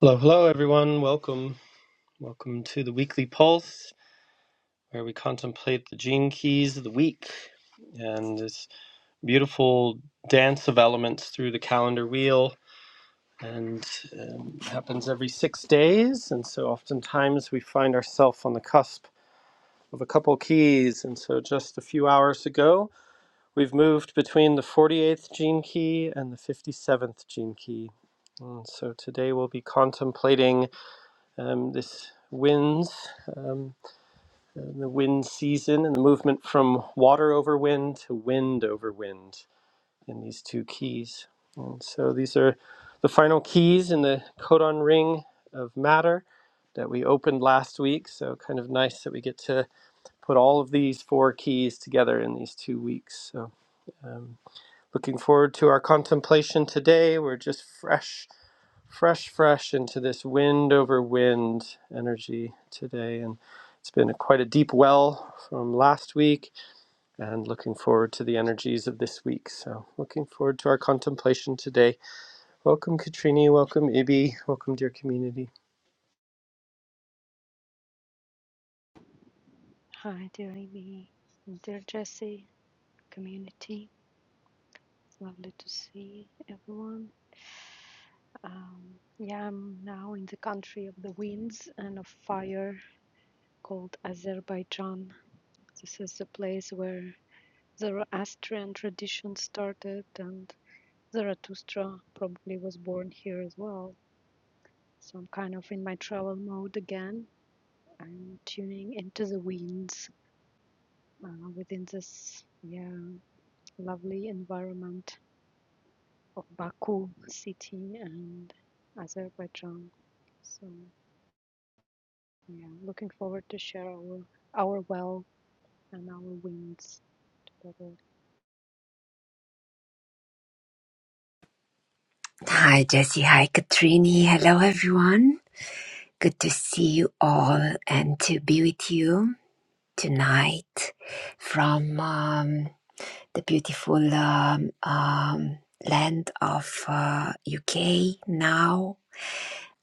Hello, hello, everyone. Welcome. Welcome to the weekly pulse where we contemplate the gene keys of the week and this beautiful dance of elements through the calendar wheel. And um, it happens every six days. And so oftentimes we find ourselves on the cusp of a couple keys. And so just a few hours ago, we've moved between the 48th gene key and the 57th gene key. And so today we'll be contemplating um, this winds, um, the wind season, and the movement from water over wind to wind over wind in these two keys. And so these are the final keys in the codon ring of matter that we opened last week. So kind of nice that we get to put all of these four keys together in these two weeks. So um, looking forward to our contemplation today. We're just fresh fresh, fresh into this wind over wind energy today. And it's been a, quite a deep well from last week and looking forward to the energies of this week. So, looking forward to our contemplation today. Welcome, Katrini. Welcome, Ibi. Welcome, dear community. Hi, dear Amy, dear Jesse, community. Lovely to see everyone. Um, yeah, I'm now in the country of the winds and of fire called Azerbaijan. This is the place where Zoroastrian tradition started, and Zarathustra probably was born here as well. So I'm kind of in my travel mode again. I'm tuning into the winds uh, within this yeah lovely environment of Baku city and Azerbaijan. So yeah, looking forward to share our our well and our wins together. Hi, Jesse. Hi, Katrini. Hello, everyone. Good to see you all and to be with you tonight from um, the beautiful um, um, land of uh, UK now.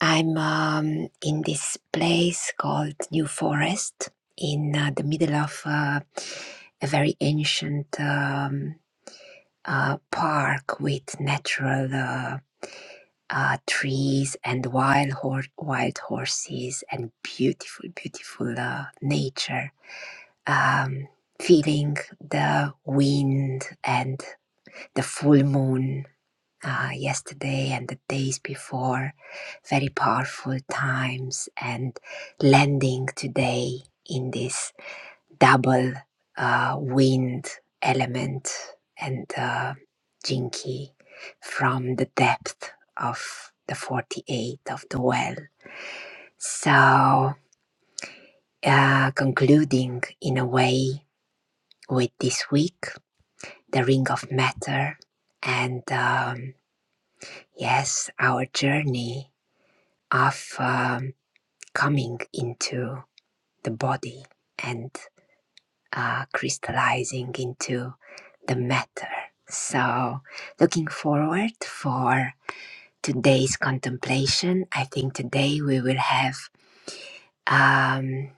I'm um, in this place called New Forest in uh, the middle of uh, a very ancient um, uh, park with natural. uh, uh, trees and wild horse, wild horses and beautiful, beautiful uh, nature. Um, feeling the wind and the full moon uh, yesterday and the days before, very powerful times, and landing today in this double uh, wind element and uh, Jinky from the depth of the 48 of the well. So, uh, concluding in a way with this week, the Ring of Matter, and um, yes, our journey of um, coming into the body. And uh, crystallizing into the matter. So, looking forward for today's contemplation. I think today we will have um,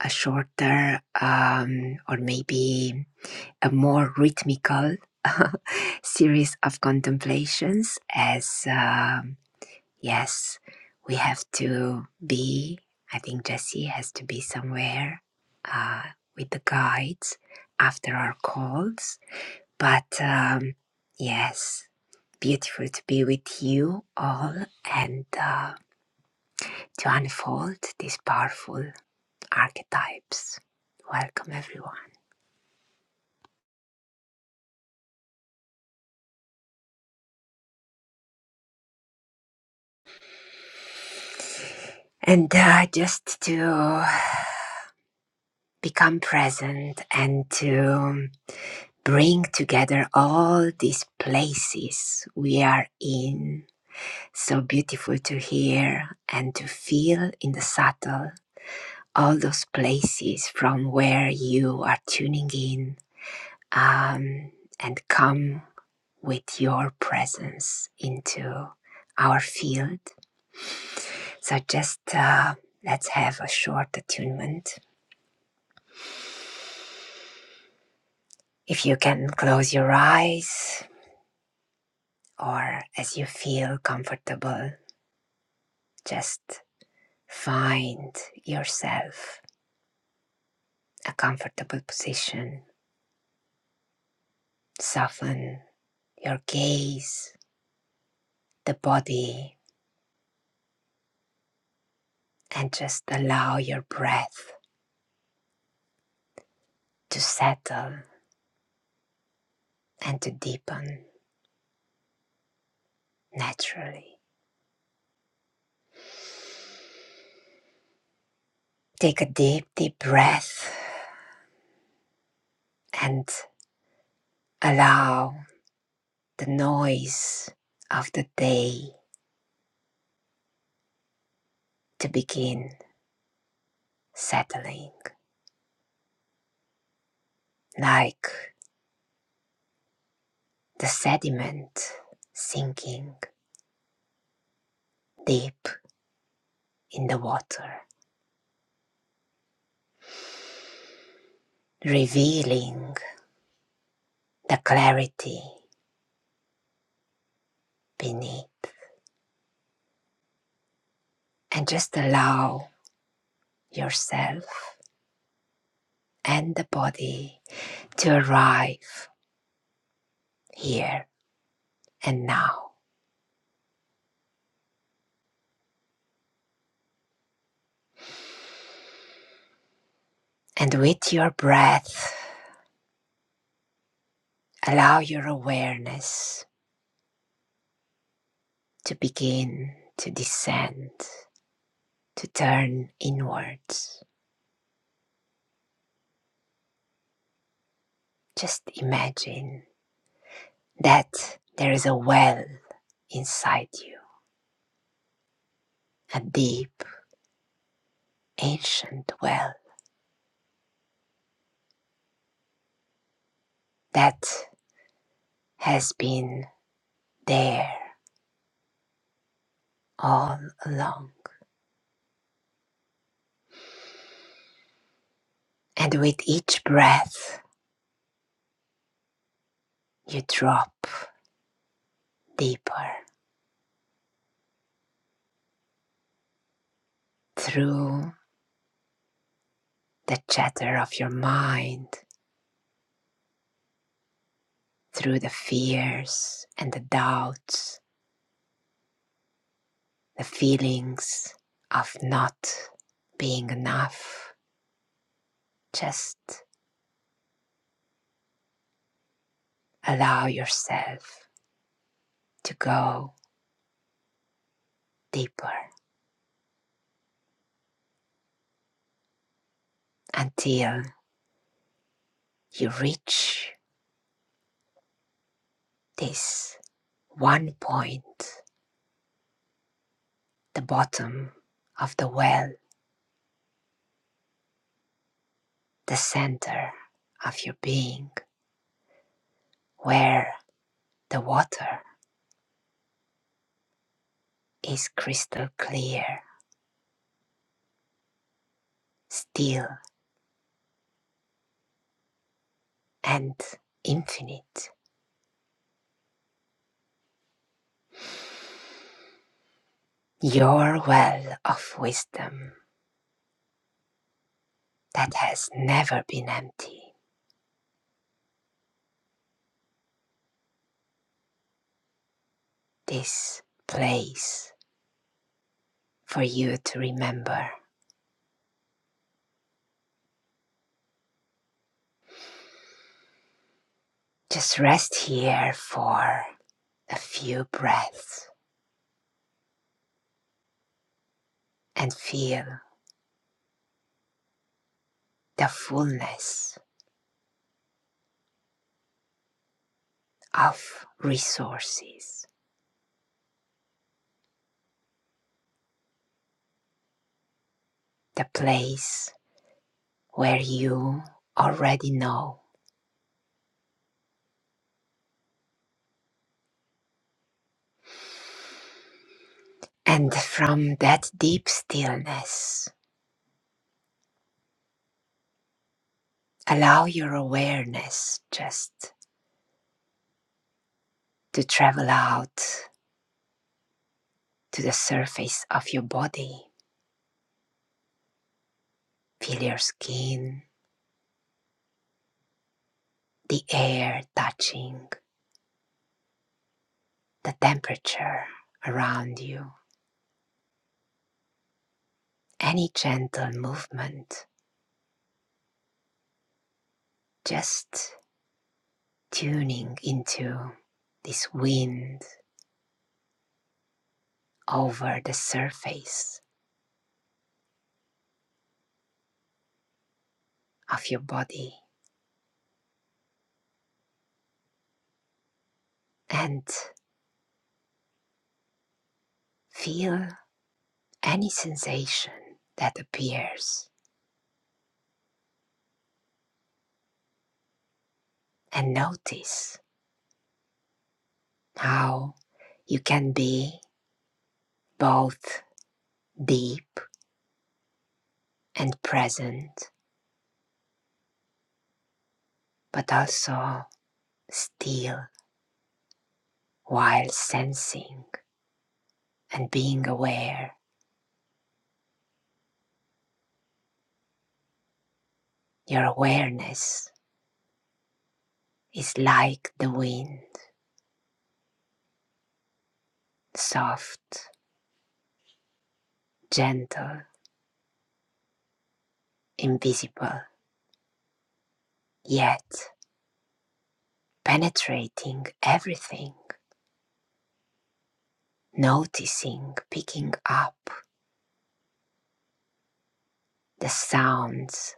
a shorter um, or maybe a more rhythmical series of contemplations as. uh, Yes, we have to be. I think Jesse has to be somewhere uh, with the guides after our calls. But um, yes, beautiful to be with you all and uh, to unfold these powerful archetypes. Welcome, everyone. And uh, just to become present and to bring together all these places we are in So beautiful to hear and to feel in the subtle, all those places from where you are tuning in um, and come with your presence into our field. So just uh, let's have a short attunement. If you can close your eyes or as you feel comfortable, just find yourself a comfortable position. Soften your gaze, the body, and just allow your breath to settle and to deepen naturally. Take a deep, deep breath and allow the noise of the day to begin settling, like the sediment sinking deep in the water, revealing the clarity beneath. And just allow yourself and the body to arrive here and now. And with your breath, allow your awareness to begin to descend, to turn inwards. Just imagine that there is a well inside you, a deep, ancient well that has been there all along. And with each breath, you drop deeper through the chatter of your mind through the fears and the doubts, the feelings of not being enough. Just allow yourself to go deeper until you reach this one point, the bottom of the well, the center of your being, where the water is crystal clear, still and infinite, your well of wisdom that has never been empty, this place for you to remember. Just rest here for a few breaths and feel the fullness of resources, the place where you already know. And from that deep stillness, allow your awareness just to travel out to the surface of your body. Feel your skin, the air touching, the temperature around you, any gentle movement, just tuning into this wind over the surface of your body and feel any sensation that appears and notice how you can be both deep and present, but also still while sensing and being aware. Your awareness is like the wind, soft, gentle, invisible, yet penetrating everything, noticing, picking up the sounds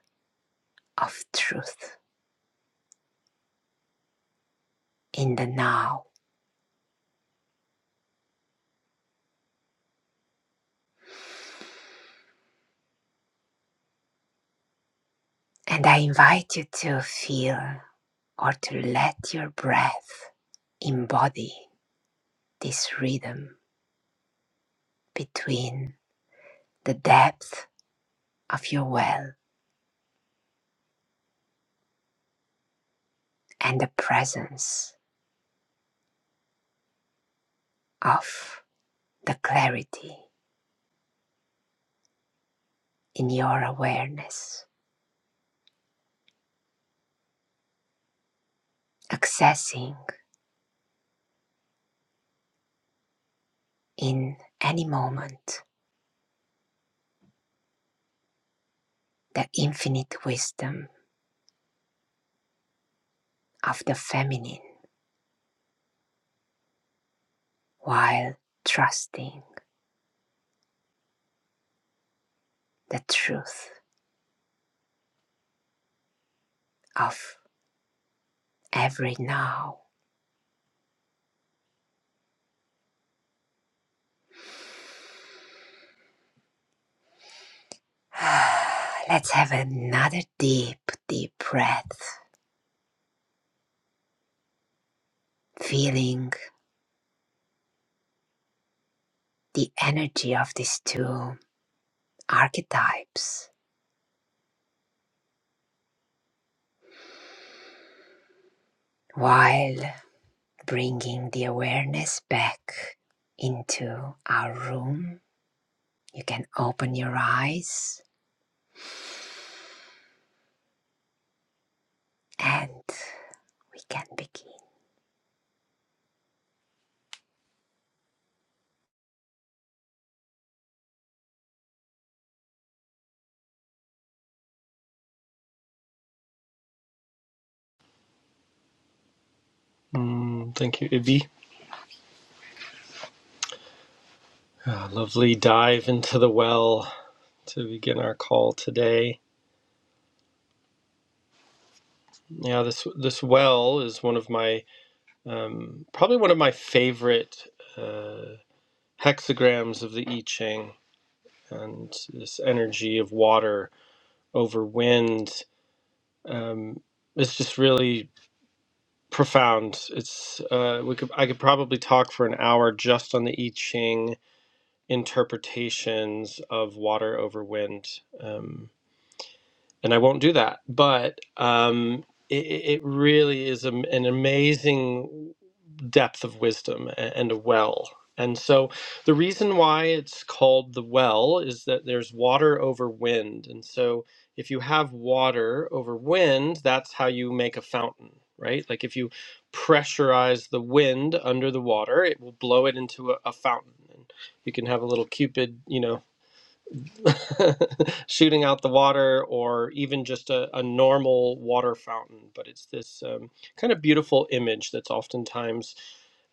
of truth in the now. And I invite you to feel or to let your breath embody this rhythm between the depth of your well and the presence of the clarity in your awareness, accessing in any moment the infinite wisdom of the feminine while trusting the truth of every now. Let's have another deep, deep breath, feeling the energy of this tune archetypes while bringing the awareness back into our room. You can open your eyes and we can begin. Mm, thank you, Ibi. Ah, lovely dive into the well to begin our call today. Yeah, this this well is one of my um, probably one of my favorite uh, hexagrams of the I Ching and this energy of water over wind um, it's just really profound it's uh, we could i could probably talk for an hour just on the i ching interpretations of water over wind um, and i won't do that but um, it, it really is am- an amazing depth of wisdom and a well. And so the reason why it's called the well is that there's water over wind. And so if you have water over wind, that's how you make a fountain, right? Like if you pressurize the wind under the water, it will blow it into a, a fountain. And you can have a little cupid, you know, shooting out the water or even just a, a normal water fountain but it's this um, kind of beautiful image that's oftentimes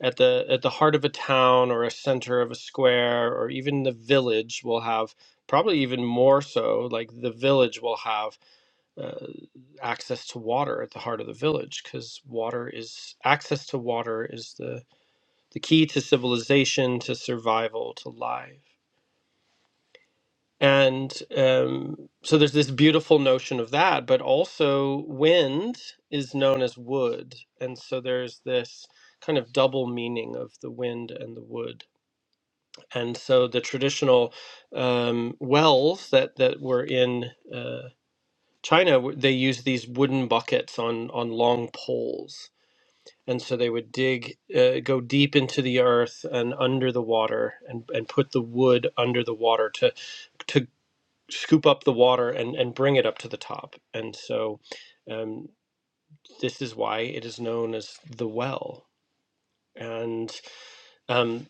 at the at the heart of a town or a center of a square or even the village will have probably even more so like the village will have uh, access to water at the heart of the village because water is access to water is the the key to civilization to survival to life and um, so there's this beautiful notion of that, but also wind is known as wood. And so there's this kind of double meaning of the wind and the wood. And so the traditional um, wells that, that were in uh, China, w- they used these wooden buckets on, on long poles. And so they would dig, uh, go deep into the earth and under the water and, and put the wood under the water to to scoop up the water and, and bring it up to the top. And so um, this is why it is known as the well. And um,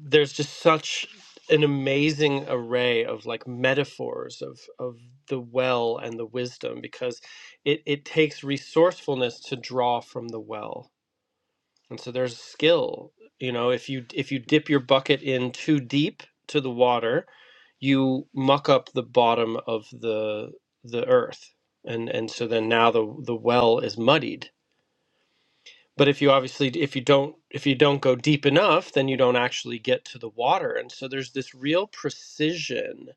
there's just such an amazing array of like metaphors of of the well and the wisdom because it, it takes resourcefulness to draw from the well And so there's skill. You know, if you if you dip your bucket in too deep to the water, you muck up the bottom of the the earth. And and so then now the the well is muddied. But if you obviously if you don't if you don't go deep enough, then you don't actually get to the water. And so there's this real precision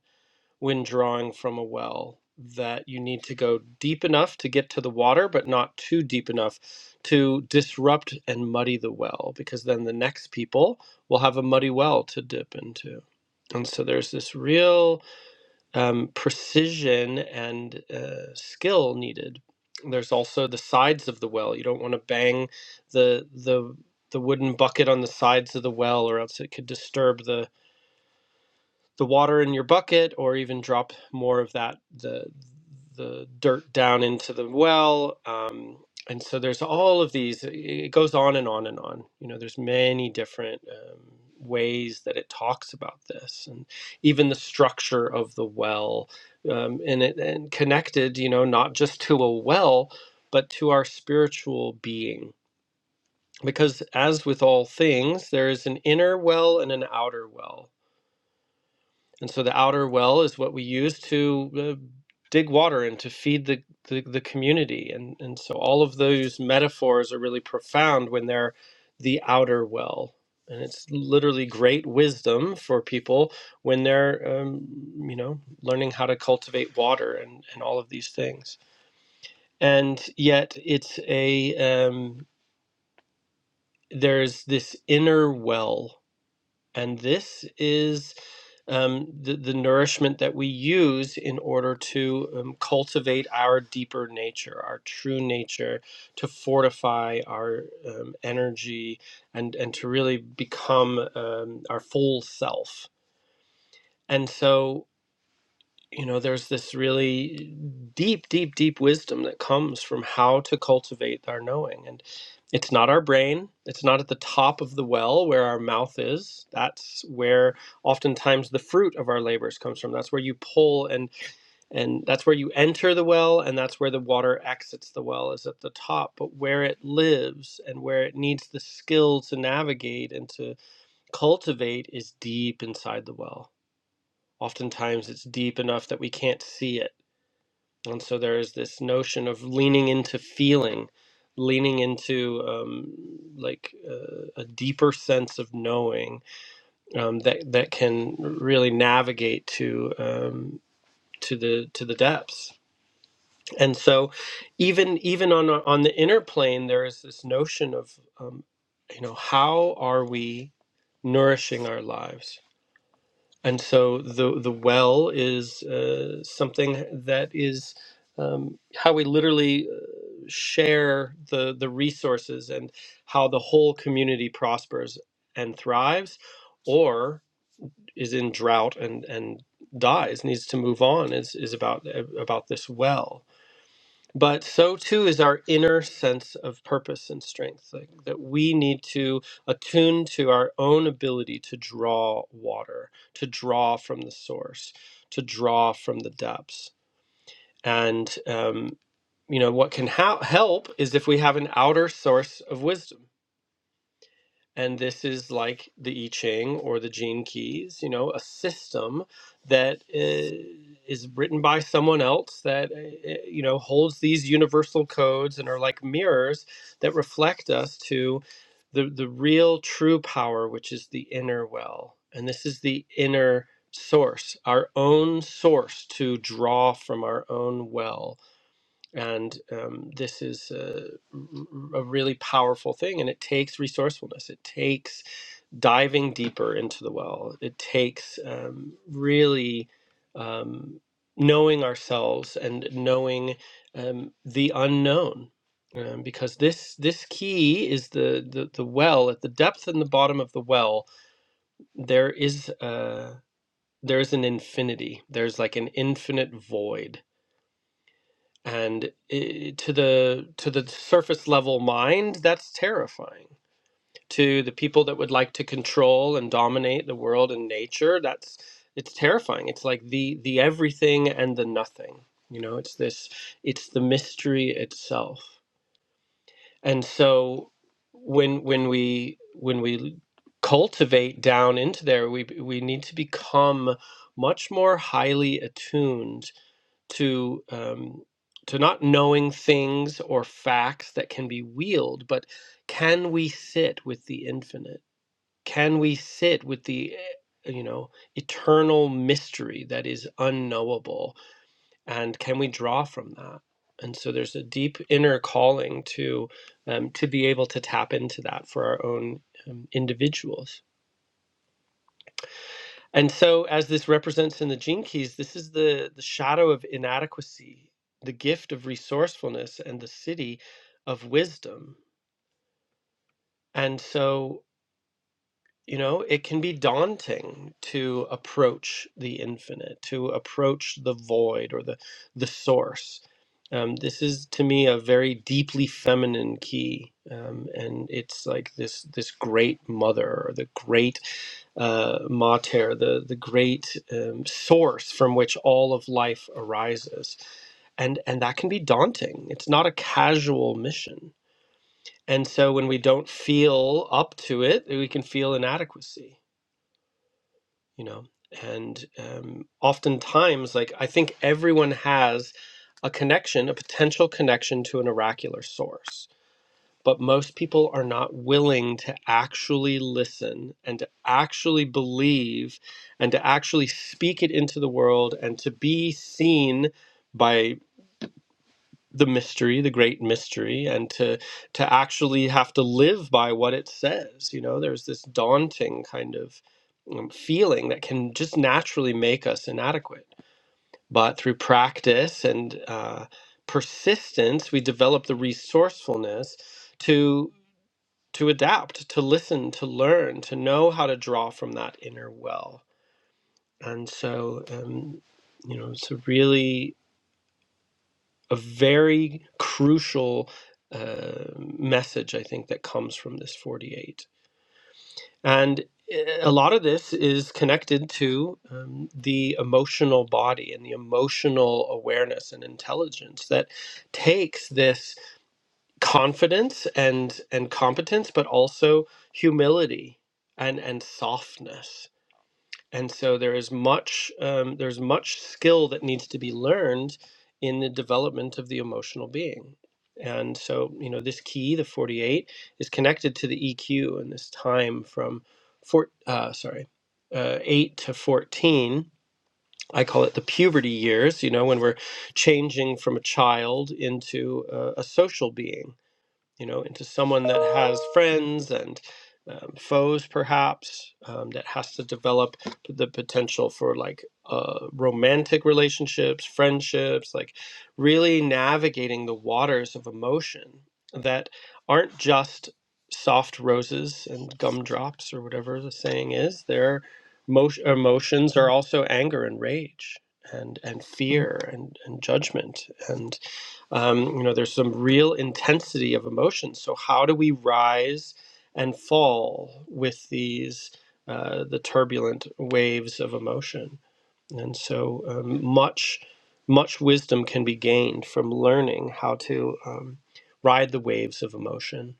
when drawing from a well that you need to go deep enough to get to the water, but not too deep enough to disrupt and muddy the well, because then the next people will have a muddy well to dip into. And so there's this real um, precision and uh, skill needed. There's also the sides of the well. You don't want to bang the the the wooden bucket on the sides of the well, or else it could disturb the the water in your bucket or even drop more of that the the dirt down into the well um, and so there's all of these it goes on and on and on you know there's many different um, ways that it talks about this and even the structure of the well um, and it and connected you know not just to a well but to our spiritual being because as with all things there is an inner well and an outer well and so the outer well is what we use to uh, dig water and to feed the, the, the community. And, and so all of those metaphors are really profound when they're the outer well. And it's literally great wisdom for people when they're, um, you know, learning how to cultivate water and, and all of these things. And yet it's a, um, there's this inner well and this is um, the, the nourishment that we use in order to um, cultivate our deeper nature, our true nature, to fortify our um, energy and, and to really become um, our full self. And so you know there's this really deep deep deep wisdom that comes from how to cultivate our knowing and it's not our brain it's not at the top of the well where our mouth is that's where oftentimes the fruit of our labors comes from that's where you pull and and that's where you enter the well and that's where the water exits the well is at the top but where it lives and where it needs the skill to navigate and to cultivate is deep inside the well oftentimes it's deep enough that we can't see it and so there is this notion of leaning into feeling, leaning into um, like uh, a deeper sense of knowing um, that that can really navigate to um, to the to the depths. And so, even even on a- on the inner plane, there is this notion of um, you know how are we nourishing our lives? And so the the well is uh, something that is um, how we literally share the the resources and how the whole community prospers and thrives or is in drought and and dies needs to move on is is about uh, about this well but so too is our inner sense of purpose and strength like, that we need to attune to our own ability to draw water to draw from the source to draw from the depths and um, you know what can ha- help is if we have an outer source of wisdom and this is like the i ching or the gene keys you know a system that i- is written by someone else that uh, uh, you know holds these universal codes and are like mirrors that reflect us to the the real true power which is the inner well and this is the inner source our own source to draw from our own well and um, this is a, a really powerful thing and it takes resourcefulness it takes diving deeper into the well it takes um, really um, knowing ourselves and knowing um, the unknown um, because this this key is the, the the well at the depth and the bottom of the well there is uh there's an infinity there's like an infinite void and eh, to the to the surface level mind that's terrifying to the people that would like to control and dominate the world and nature that's it's terrifying it's like the the everything and the nothing you know it's this it's the mystery itself and so when when we when we cultivate down into there we we need to become much more highly attuned to um, to not knowing things or facts that can be wheeled, but can we sit with the infinite? Can we sit with the eh, you know eternal mystery that is unknowable, and can we draw from that? And so there's a deep inner calling to um, to be able to tap into that for our own um, individuals. And so, as this represents in the gene keys, this is the, the shadow of inadequacy, the gift of resourcefulness, and the city of wisdom. And so, you know, it can be daunting to approach the infinite, to approach the void or the the source. Um, this is to me a very deeply feminine key, um, and it's like this this great mother or the great uh, mater, the the great um, source from which all of life arises, and and that can be daunting. It's not a casual mission, and so when we don't feel up to it, we can feel inadequacy you know and um, oftentimes like i think everyone has a connection a potential connection to an oracular source but most people are not willing to actually listen and to actually believe and to actually speak it into the world and to be seen by the mystery the great mystery and to to actually have to live by what it says you know there's this daunting kind of um, feeling that can just naturally make us inadequate but through practice and uh, persistence we develop the resourcefulness to to adapt to listen to learn to know how to draw from that inner well and so um, you know it's a really a very crucial uh, message, I think, that comes from this 48. And eh, a lot of this is connected to um, the emotional body and the emotional awareness and intelligence that takes this confidence and and competence, but also humility and and softness and so there is much um, there's much skill that needs to be learned in the development of the emotional being and so you know this key the 48 is connected to the eq and this time from four uh, sorry uh, 8 to 14 i call it the puberty years you know when we're changing from a child into a, a social being you know, into someone that has friends and um, foes, perhaps, um, that has to develop the potential for like uh, romantic relationships, friendships, like really navigating the waters of emotion that aren't just soft roses and gumdrops or whatever the saying is. Their mo- emotions are also anger and rage and and fear and, and judgment and um, you know there's some real intensity of emotion so how do we rise and fall with these uh, the turbulent waves of emotion and so um, much much wisdom can be gained from learning how to um, ride the waves of emotion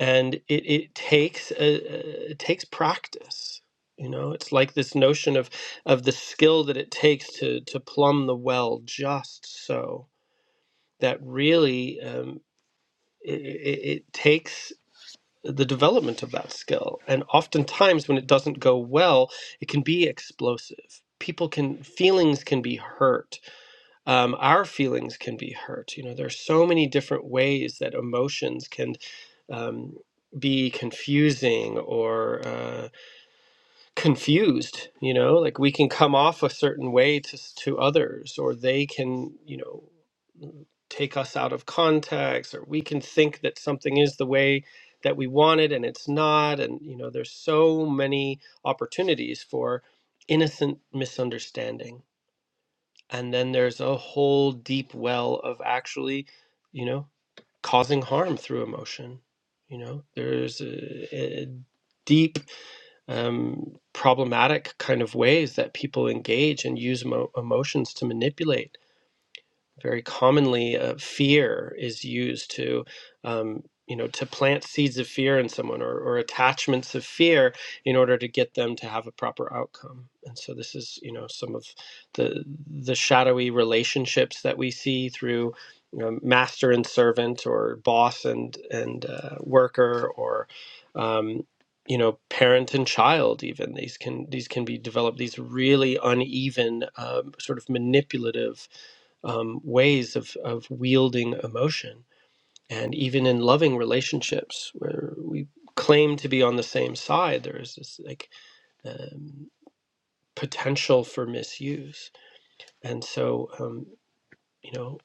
and it, it takes a, it takes practice you know it's like this notion of of the skill that it takes to to plumb the well just so that really um, it, it, it takes the development of that skill. And oftentimes, when it doesn't go well, it can be explosive. People can feelings can be hurt. Um, our feelings can be hurt. You know, there's so many different ways that emotions can um, be confusing or. Uh, confused you know like we can come off a certain way to s- to others or they can you know mm, take us out of context or we can think that something is the way that we want it and it's not and you know there's so many opportunities for innocent misunderstanding and then there's a whole deep well of actually you know causing harm through emotion you know there's a, a deep um, problematic kind of ways that people engage and use emo- emotions to manipulate very commonly uh, fear is used to um, you know to plant seeds of fear in someone or, or attachments of fear in order to get them to have a proper outcome and so this is you know some of the the shadowy relationships that we see through you know, master and servant or boss and and uh, worker or um, you know parent and child even these can these can be developed these really uneven um, sort of manipulative um, ways of, of wielding emotion. And even in loving relationships where we claim to be on the same side, there is this like um, potential for misuse. And so, um, you know,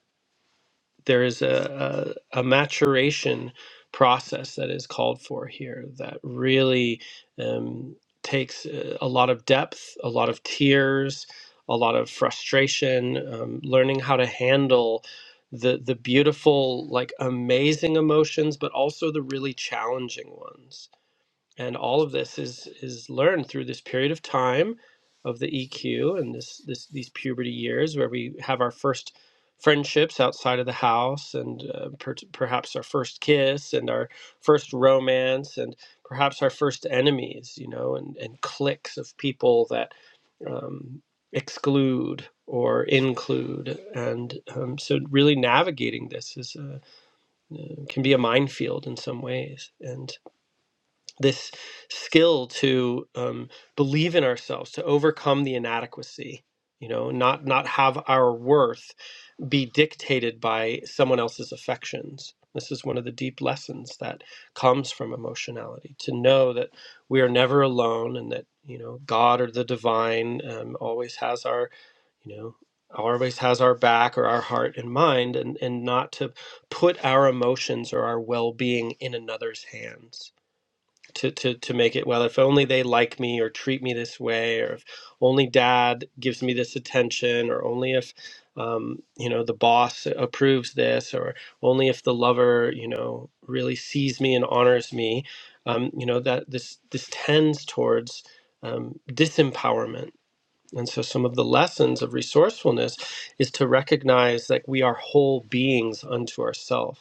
there is a, a, a maturation process that is called for here that really um, takes uh, a lot of depth, a lot of tears, a lot of frustration, um, learning how to handle the the beautiful, like amazing emotions, but also the really challenging ones and all of this is is learned through this period of time of the EQ and this this these puberty years where we have our first friendships outside of the house and uh, per- perhaps our first kiss and our first romance and perhaps our first enemies you know and and cliques of people that um, exclude or include and um, so really navigating this is uh, uh, can be a minefield in some ways and this skill to um, believe in ourselves to overcome the inadequacy you know not not have our worth be dictated by someone else's affections this is one of the deep lessons that comes from emotionality to know that we are never alone and that you know god or the divine um, always has our you know always has our back or our heart and mind and and not to put our emotions or our well-being in another's hands to to to make it well if only they like me or treat me this way or if only dad gives me this attention or only if um, you know the boss approves this or only if the lover you know really sees me and honors me um, you know that this this tends towards um, disempowerment and so some of the lessons of resourcefulness is to recognize that we are whole beings unto ourselves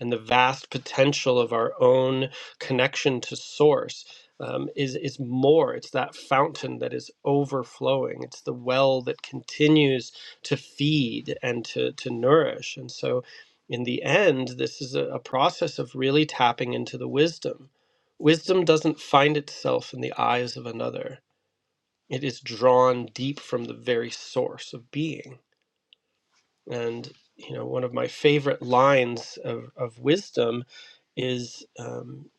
and the vast potential of our own connection to source um, is is more. It's that fountain that is overflowing. It's the well that continues to feed and to to nourish. And so, in the end, this is a, a process of really tapping into the wisdom. Wisdom doesn't find itself in the eyes of another. It is drawn deep from the very source of being. And you know, one of my favorite lines of, of wisdom is um,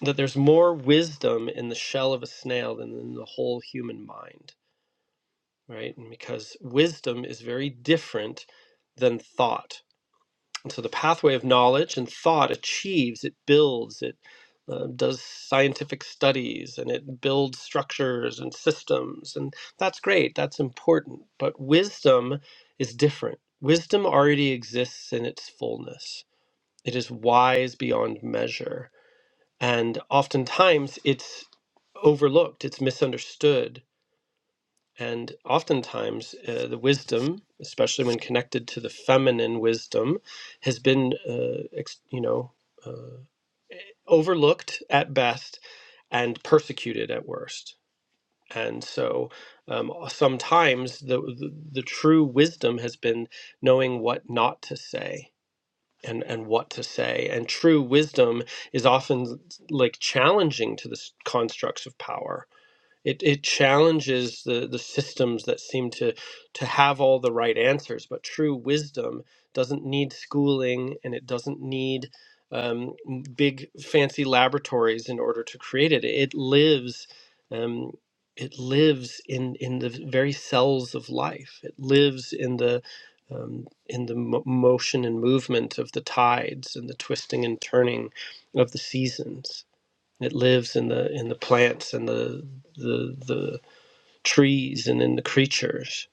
that there's more wisdom in the shell of a snail than in the whole human mind, right? And because wisdom is very different than thought and so the pathway of knowledge and thought achieves, it builds, it uh, does scientific studies and it builds structures and systems. And that's great, that's important. But wisdom is different. Wisdom already exists in its fullness, it is wise beyond measure. And oftentimes it's overlooked, it's misunderstood and oftentimes, uh, the wisdom, especially when connected to the feminine wisdom, has been, uh, ex- you know, uh, overlooked at best and persecuted at worst. And so, um, sometimes the, the the true wisdom has been knowing what not to say and and what to say. And true wisdom is often like challenging to the s- constructs of power it it challenges the the systems that seem to to have all the right answers, but true wisdom doesn't need schooling and it doesn't need um, m- big fancy laboratories in order to create it. It lives. Um, it lives in, in the very cells of life. It lives in the um, in the mo- motion and movement of the tides and the twisting and turning of the seasons it lives in the in the plants and the the the trees and in the creatures.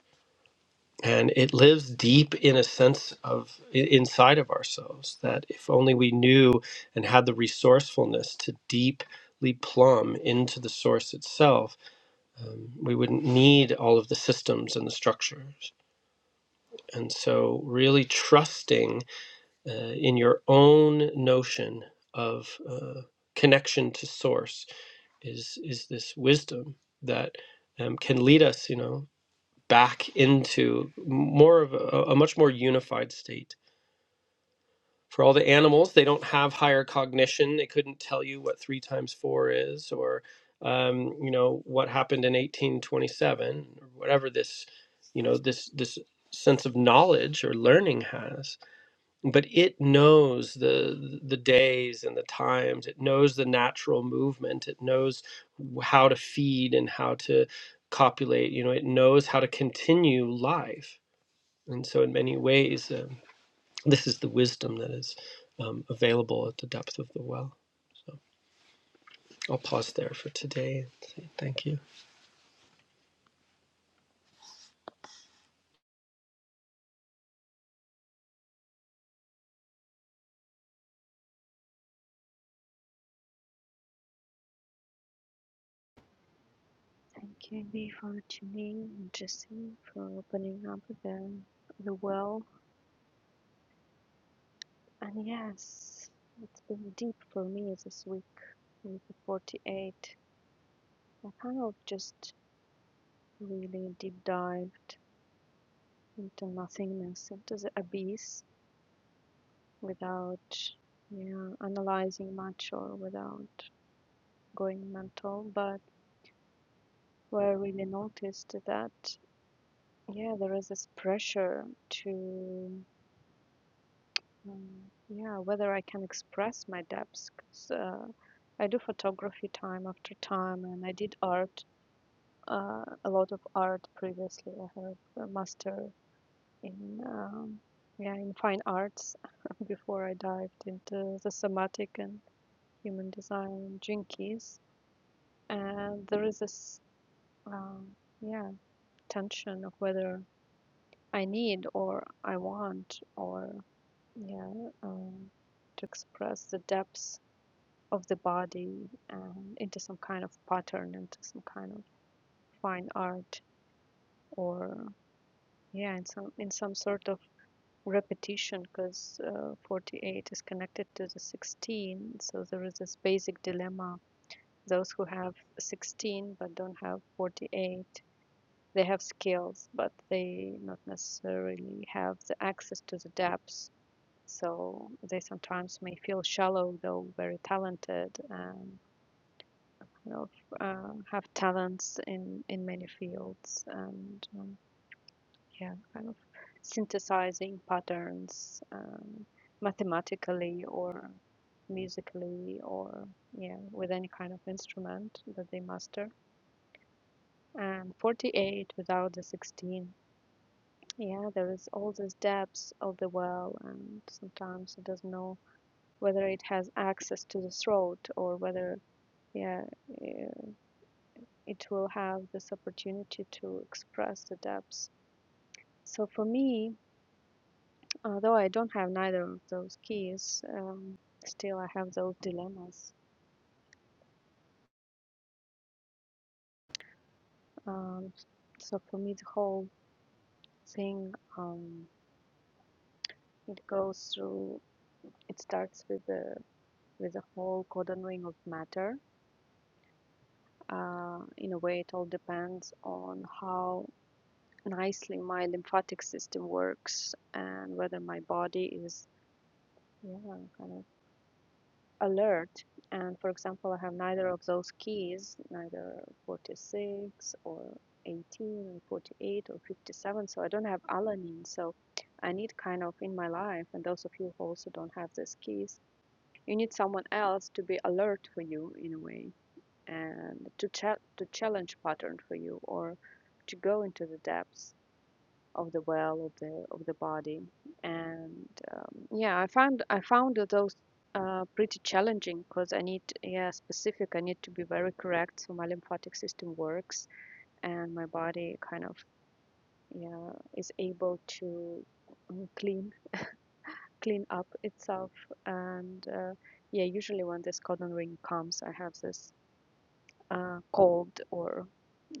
And it lives deep in a sense of inside of ourselves that if only we knew and had the resourcefulness to deeply plumb into the source itself, um, we wouldn't need all of the systems and the structures. And so, really trusting uh, in your own notion of uh, connection to source is is this wisdom that um, can lead us, you know, back into more of a, a much more unified state. For all the animals, they don't have higher cognition. They couldn't tell you what three times four is, or um, you know what happened in 1827, or whatever this, you know, this this sense of knowledge or learning has but it knows the the days and the times it knows the natural movement it knows how to feed and how to copulate you know it knows how to continue life and so in many ways um, this is the wisdom that is um, available at the depth of the well i'll pause there for today and say thank you Thank you, Andy, for tuning, and Jesse, for opening up the, the well. And yes, it's been deep for me this week, with the 48. I kind of just really deep dived into nothingness, into the abyss, without you know, analyzing much or without going mental. But what I really noticed that yeah, there is this pressure to um, yeah whether I can express my depths. 'cause, uh, I do photography time after time, and I did art uh, a lot of art previously. I have a master in um, yeah in fine arts before I dived into the somatic and human design jinkies and there is this um, yeah tension of whether I need or I want or yeah um, to express the depths of the body um, into some kind of pattern into some kind of fine art or yeah in some in some sort of repetition because uh, 48 is connected to the 16 so there is this basic dilemma those who have 16 but don't have 48 they have skills, but they not necessarily have the access to the depths. So they sometimes may feel shallow, though very talented and you know, uh, have talents in, in many fields and um, yeah, kind of synthesizing patterns um, mathematically or musically or yeah, with any kind of instrument that they master. And 48 without the 16 Yeah, there is all these depths of the well, and sometimes it doesn't know whether it has access to the throat or whether, yeah, eh, it will have this opportunity to express the depths. So for me, although I don't have neither of those keys, um, still I have those dilemmas. Um, so for me, the whole thing, um, it goes through. It starts with the with the whole cordon ring of matter Uh, in a way, it all depends on how nicely my lymphatic system works and whether my body is yeah, kind of alert. And for example, I have neither of those keys, neither 46 or 18 or 48 or 57. So I don't have alanine. So I need kind of in my life, and those of you who also don't have these keys, you need someone else to be alert for you in a way and to cha- to challenge pattern for you or to go into the depths of the well of the of the body and um, yeah i found i found those uh, pretty challenging because i need yeah specific i need to be very correct so my lymphatic system works and my body kind of yeah is able to mm, clean clean up itself and uh, yeah usually when this codon ring comes i have this uh, cold or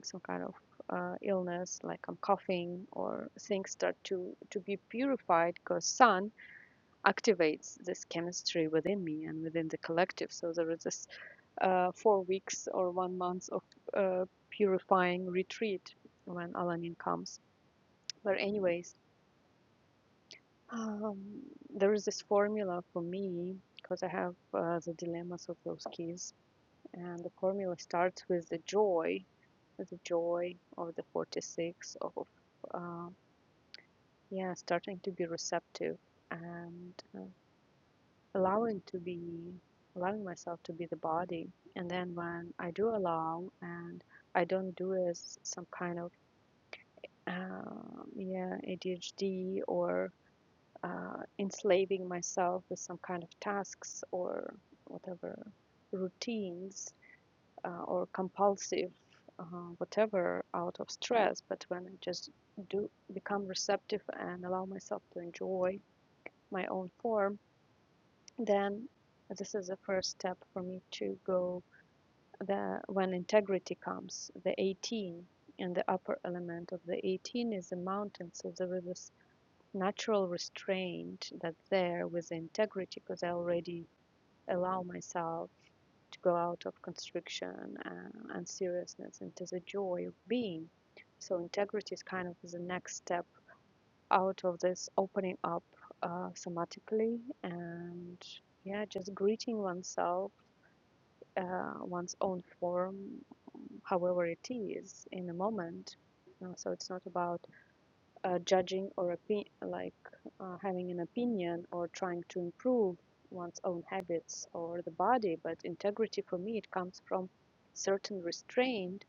some kind of uh, illness like I'm coughing or things start to to be purified because sun activates this chemistry within me and within the collective so there is this uh, four weeks or one month of uh, purifying retreat when Alanin comes but anyways um, there is this formula for me because I have uh, the dilemmas of those keys and the formula starts with the joy the joy of the 46 of uh, yeah starting to be receptive and uh, allowing to be allowing myself to be the body and then when i do allow and i don't do as some kind of um, yeah adhd or uh, enslaving myself with some kind of tasks or whatever routines uh, or compulsive uh, whatever out of stress but when i just do become receptive and allow myself to enjoy my own form then this is the first step for me to go the when integrity comes the 18 and the upper element of the 18 is the mountain so there is this natural restraint that's there with integrity because i already allow myself to go out of constriction uh, and seriousness into the joy of being. So integrity is kind of the next step out of this opening up uh, somatically and yeah, just greeting oneself, uh, one's own form, however it is in the moment. Uh, so it's not about uh, judging or opi- like uh, having an opinion or trying to improve one's own habits or the body but integrity for me it comes from certain restraint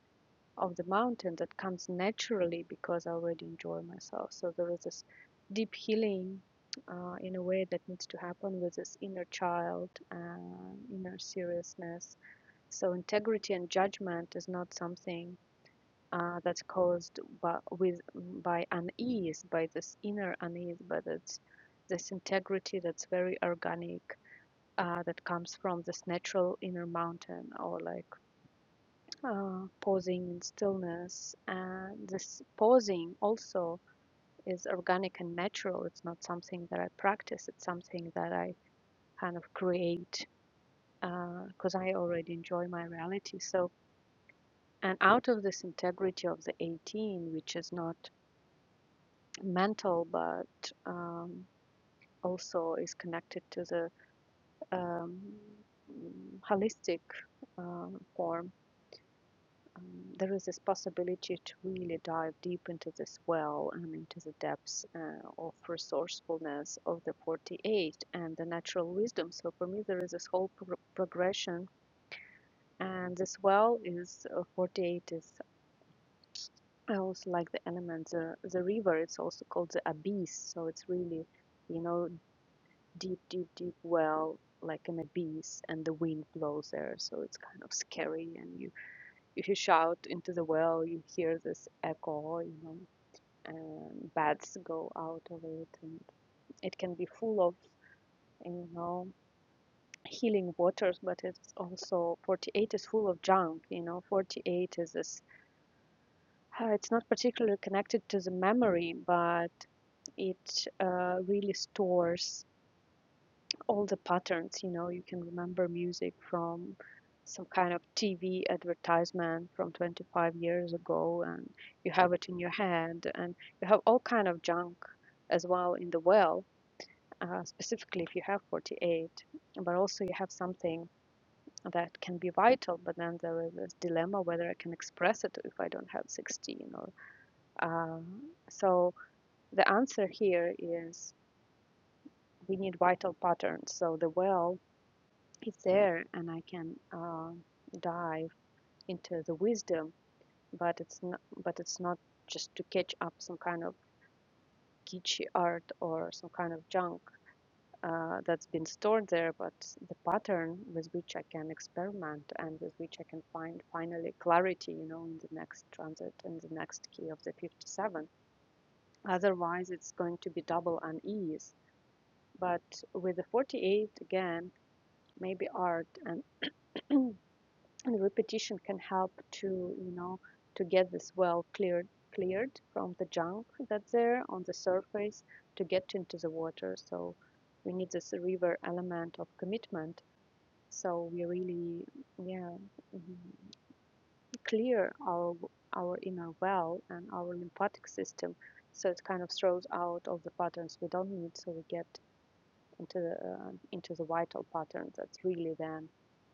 of the mountain that comes naturally because i already enjoy myself so there is this deep healing uh, in a way that needs to happen with this inner child and inner seriousness so integrity and judgment is not something uh, that's caused by, with by unease, by this inner unease, by this, this integrity that's very organic, uh, that comes from this natural inner mountain, or like uh, pausing in stillness. And this pausing also is organic and natural. It's not something that I practice. It's something that I kind of create because uh, I already enjoy my reality. So. And out of this integrity of the 18, which is not mental, but um, also is connected to the um, holistic um form. Um, there is this possibility to really dive deep into this well and into the depths uh, of resourcefulness of the 48 and the natural wisdom. So for me, there is this whole pro- progression, and this well is uh, 48 is I also like the element, the, the river, it's also called the abyss. So it's really, you know, deep, deep, deep well, like an abyss, and the wind blows there, so it's kind of scary. And you, if you shout into the well, you hear this echo, you know, and bats go out of it, and it can be full of, you know, healing waters, but it's also 48 is full of junk, you know, 48 is this. uh, It's not particularly connected to the memory, but it uh, really stores all the patterns you know you can remember music from some kind of tv advertisement from 25 years ago and you have it in your head and you have all kind of junk as well in the well uh, specifically if you have 48 but also you have something that can be vital but then there is this dilemma whether i can express it if i don't have 16 or uh, so the answer here is we need vital patterns so the well it's there and I can uh, dive into the wisdom, but it's not, but it's not just to catch up some kind of kitschy art or some kind of junk uh, that's been stored there, but the pattern with which I can experiment and with which I can find finally clarity, you know, in the next transit and the next key of the 57. Otherwise, it's going to be double unease. But with the 48, again, maybe art and and repetition can help to you know to get this well cleared cleared from the junk that's there on the surface to get into the water so we need this river element of commitment so we really yeah mhm, clear our our inner well and our lymphatic system so it kind of throws out all the patterns we don't need so we get into the uh, into the vital pattern that really then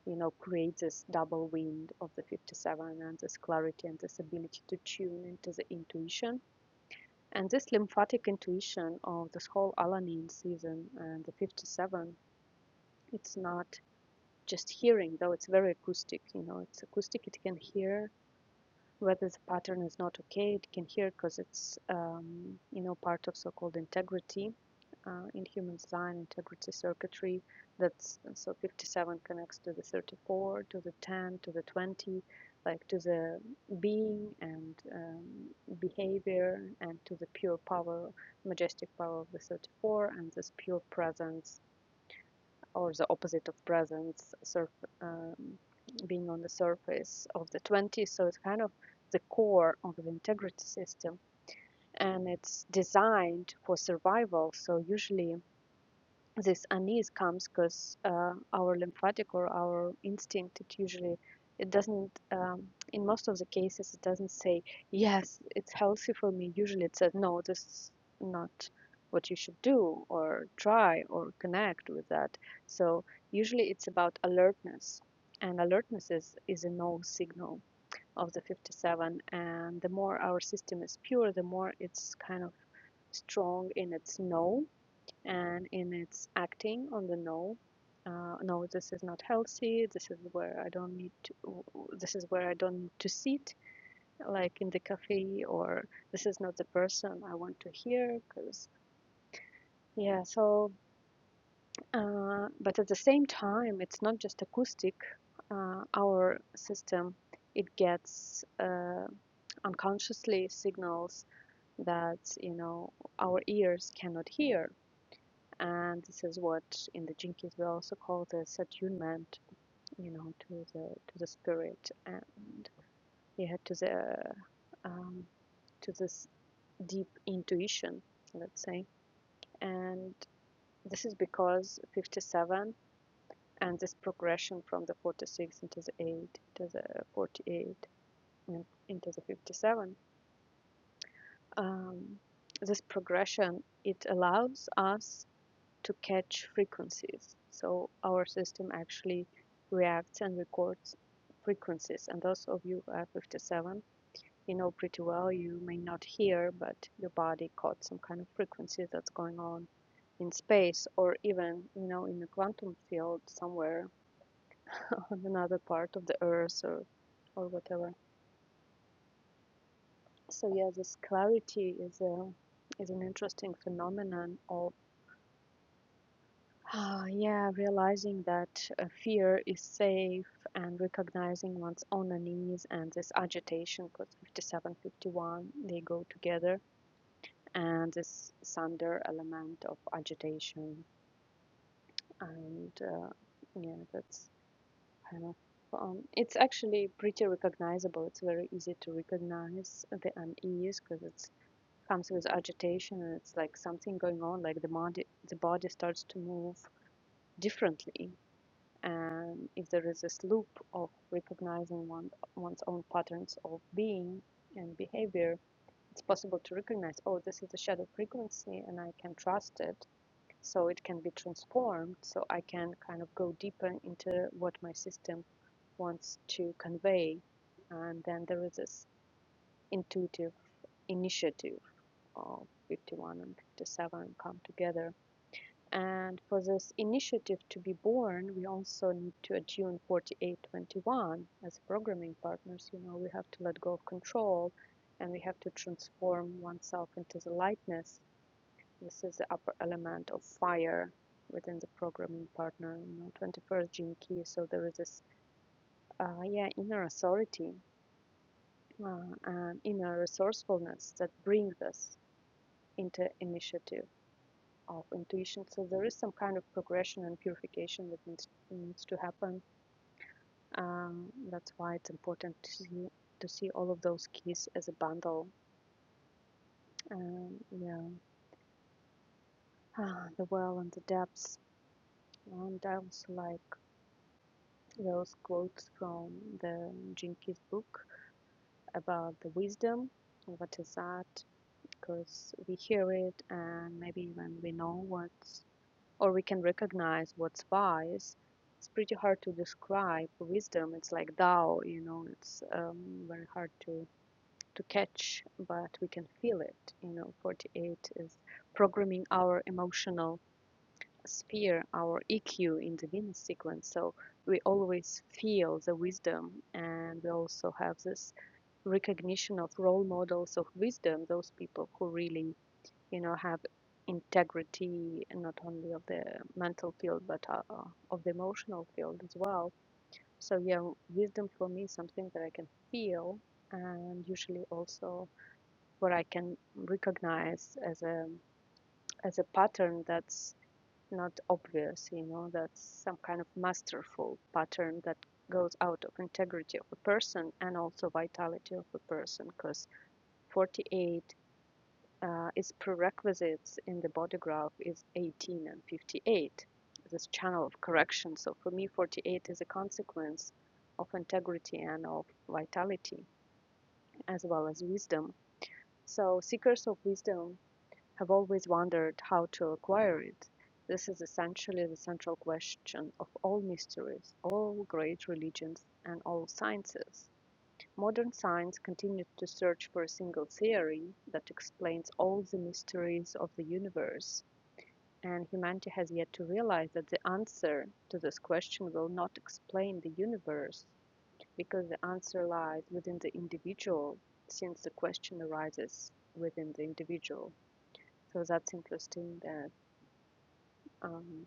you know creates this double wind of the 57 and this clarity and this ability to tune into the intuition and this lymphatic intuition of this whole alanine season and the 57 it's not just hearing though it's very acoustic you know it's acoustic it can hear whether the pattern is not okay. It can here because it's um, you know part of so-called integrity uh, in human design integrity circuitry. That's so 57 connects to the 34, to the 10, to the 20, like to the being and um, behavior, and to the pure power, majestic power of the 34, and this pure presence or the opposite of presence, surf, um, being on the surface of the 20. So it's kind of the core of the integrity system and it's designed for survival. So usually this unease comes because uh, our lymphatic or our instinct it usually it doesn't um, in most of the cases it doesn't say yes it's healthy for me usually it says no this is not what you should do or try or connect with that so usually it's about alertness and alertness is, is a no signal of the 57 and the more our system is pure the more it's kind of strong in its no and in its acting on the no uh, no this is not healthy this is where i don't need to this is where i don't need to sit like in the cafe or this is not the person i want to hear because yeah so uh, but at the same time it's not just acoustic uh, our system it gets uh, unconsciously signals that you know our ears cannot hear and this is what in the Jinkies we also call the attunement, you know, to the to the spirit and yeah, to the um, to this deep intuition, let's say, and this is because 57 and this progression from the 46 into the 8 to the 48 and into the 57 um, this progression it allows us to catch frequencies. So our system actually reacts and records frequencies. And those of you who are 57, you know pretty well, you may not hear, but your body caught some kind of frequency that's going on in space or even, you know, in the quantum field somewhere on another part of the earth or, or whatever. So yeah, this clarity is a is an interesting phenomenon of Ah, yeah, realizing that uh, fear is safe and recognizing one's own unease and this agitation, because 57 51 they go together, and this thunder element of agitation. And uh, yeah, that's kind of, um, it's actually pretty recognizable. It's very easy to recognize the unease because it comes with agitation and it's like something going on, like the body, the body starts to move differently and if there is this loop of recognizing one, one's own patterns of being and behavior, it's possible to recognize, oh, this is the shadow frequency and I can trust it. So it can be transformed. So I can kind of go deeper into what my system wants to convey. And then there is this intuitive initiative of 51 and 57 come together and for this initiative to be born, we also need to attune 4821 as programming partners. You know, we have to let go of control and we have to transform oneself into the lightness. This is the upper element of fire within the programming partner, you know, 21st gene key. So there is this, uh, yeah, inner authority uh, and inner resourcefulness that brings us into initiative of intuition. So there is some kind of progression and purification that needs, needs to happen. Um, that's why it's important to see to see all of those keys as a bundle. Um, yeah, Ah, the well and the depths. And I also like those quotes from the Jinkies book about the wisdom. What is that? Because we hear it, and maybe even we know what or we can recognize what's wise. It's pretty hard to describe wisdom. It's like Tao, you know, it's um, very hard to, to catch, but we can feel it. You know, 48 is programming our emotional sphere, our EQ in the Venus sequence. So we always feel the wisdom, and we also have this recognition of role models of wisdom, those people who really you know have integrity not only of the mental field but uh, of the emotional field as well so yeah wisdom for me is something that i can feel and usually also what i can recognize as a as a pattern that's not obvious you know that's some kind of masterful pattern that goes out of integrity of a person and also vitality of a person because 48 uh, its prerequisites in the body graph is 18 and 58, this channel of correction. So for me, 48 is a consequence of integrity and of vitality as well as wisdom. So seekers of wisdom have always wondered how to acquire it. This is essentially the central question of all mysteries, all great religions, and all sciences. Modern science continues to search for a single theory that explains all the mysteries of the universe, and humanity has yet to realize that the answer to this question will not explain the universe, because the answer lies within the individual, since the question arises within the individual. So that's interesting that, um,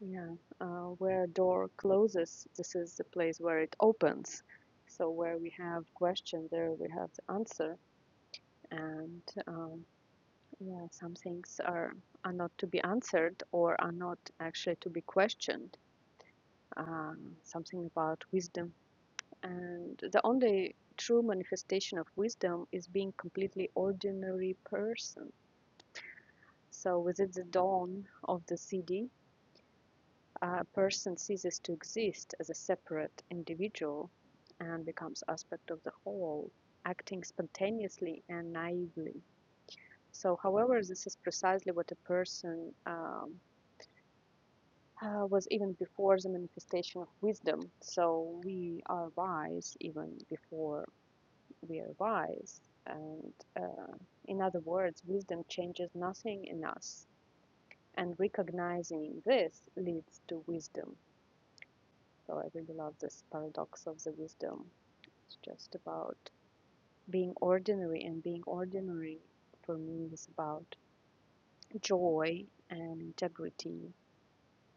yeah, uh, where a door closes, this is the place where it opens. So where we have question, there we have the answer. and um, yeah, some things are are not to be answered or are not actually to be questioned. Um, something about wisdom, and the only true manifestation of wisdom is being completely ordinary person. So, with the dawn of the CD, a person ceases to exist as a separate individual and becomes aspect of the whole, acting spontaneously and naively So, however, this is precisely what a person um, uh, was even before the manifestation of wisdom. So, we are wise even before we are wise. And uh, in other words, wisdom changes nothing in us. And recognizing this leads to wisdom. So, I really love this paradox of the wisdom. It's just about being ordinary, and being ordinary for me is about joy and integrity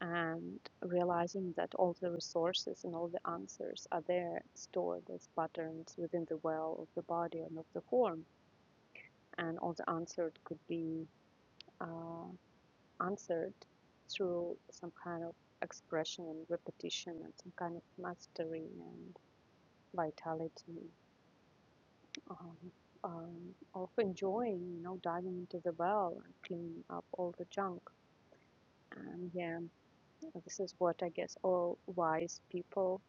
and realizing that all the resources and all the answers are there stored as patterns within the well of the body and of the form and all the answered could be uh, answered through some kind of expression and repetition and some kind of mastery and vitality um, um, of enjoying you know diving into the well and cleaning up all the junk and yeah this is what i guess all wise people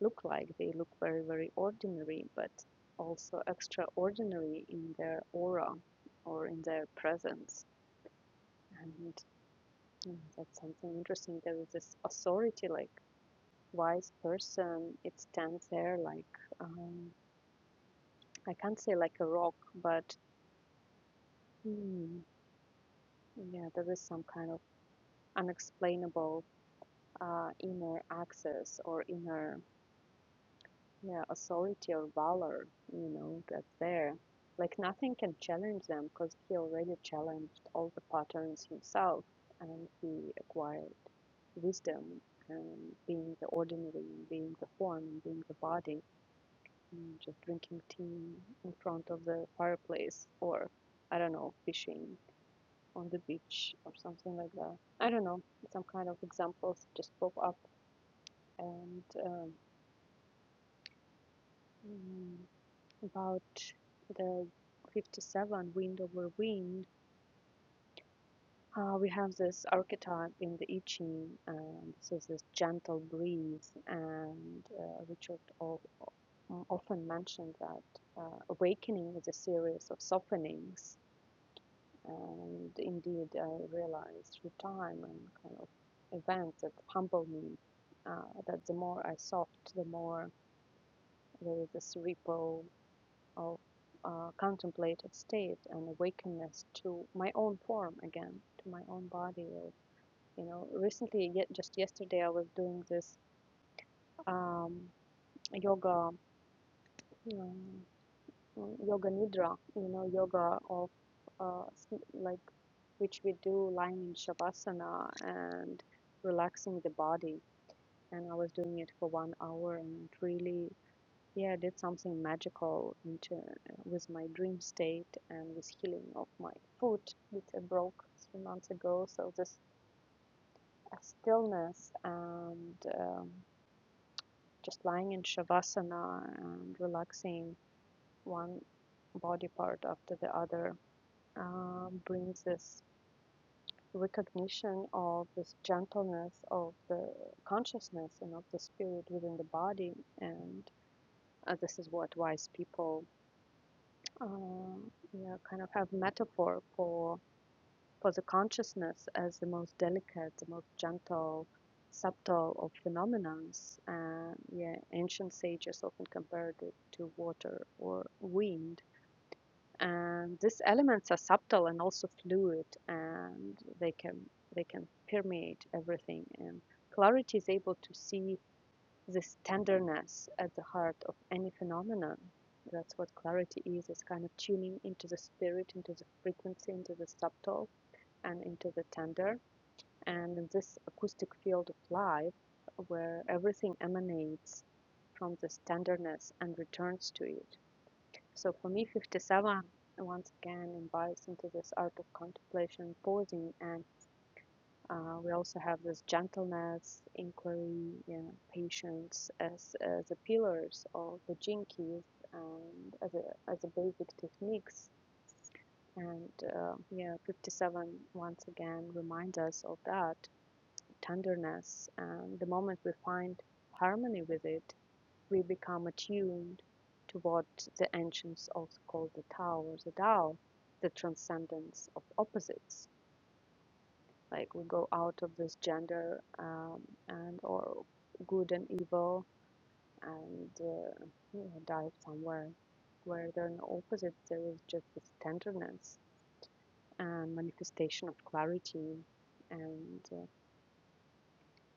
look like. They look very, very ordinary, but also extraordinary in their aura or in their presence. And mm, that's something interesting. There is this authority, like wise person. It stands there like um, I can't say like a rock, but mm, yeah, there is some kind of unexplainable uh, inner access or inner Yeah, authority or valor, you know, that's there. Like nothing can challenge them because he already challenged all the patterns himself and he acquired wisdom and being the ordinary, and being the form, and being the body, and just drinking tea in front of the fireplace or, I don't know, fishing on the beach or something like that. I don't know, some kind of examples just pop up and um, about the 57 wind over wind uh, we have this archetype in the I Ching and this is this gentle breeze and uh, Richard o- often mentioned that uh, awakening is a series of softenings and indeed I realized through time and kind of events that humble me uh, that the more I soft the more there is this ripple of uh, contemplative state and awakenness to my own form again, to my own body. you know, recently, yet just yesterday, I was doing this um, yoga, um, yoga nidra. You know, yoga of uh, like which we do lying in shavasana and relaxing the body. And I was doing it for one hour, and it really Yeah, I did something magical into, uh, with my dream state and with healing of my foot, which I broke three months ago. So this uh, stillness and um, just lying in shavasana and relaxing one body part after the other um, brings this recognition of this gentleness of the consciousness and of the spirit within the body and uh, this is what wise people um, yeah, kind of have metaphor for for the consciousness as the most delicate, the most gentle, subtle of phenomenons. And yeah, ancient sages often compared it to water or wind. And these elements are subtle and also fluid, and they can they can permeate everything. And clarity is able to see this tenderness at the heart of any phenomenon. That's what clarity is. It's kind of tuning into the spirit, into the frequency, into the subtle, and into the tender. And in this acoustic field of life, where everything emanates from this tenderness and returns to it. So for me, 57 once again invites into this art of contemplation, pausing, and uh, we also have this gentleness, inquiry, you know, patience as, as the pillars of the Jinkies and as a, as a basic techniques. And uh, yeah, 57 once again reminds us of that tenderness. And the moment we find harmony with it, we become attuned to what the ancients also called the Tao or the Tao, the transcendence of opposites like we go out of this gender um, and or good and evil and uh, you know, dive somewhere where there are no opposites there is just this tenderness and manifestation of clarity and uh,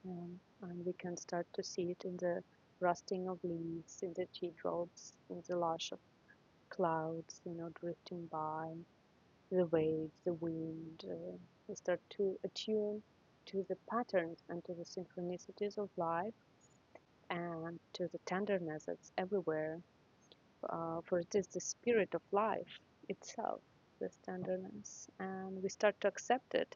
um, and we can start to see it in the rusting of leaves in the teardrops in the lush of clouds you know drifting by The waves, the wind, uh, they start to attune to the patterns and to the synchronicities of life and to the tenderness that's everywhere. Uh, for it is the spirit of life itself, this tenderness, and we start to accept it.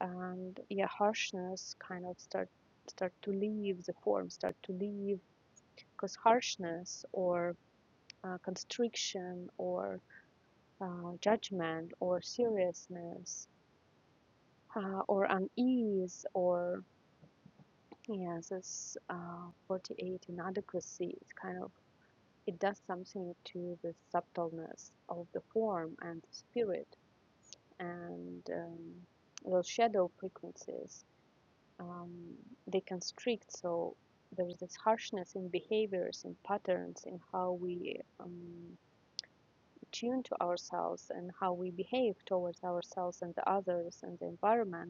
And yeah, harshness kind of start start to leave the form, start to leave because harshness or uh, constriction or uh, judgment or seriousness uh, or unease or yes this uh, 48 inadequacy it's kind of it does something to the subtleness of the form and the spirit and um, those shadow frequencies um, they constrict so there's this harshness in behaviors in patterns in how we um, tune to ourselves and how we behave towards ourselves and the others and the environment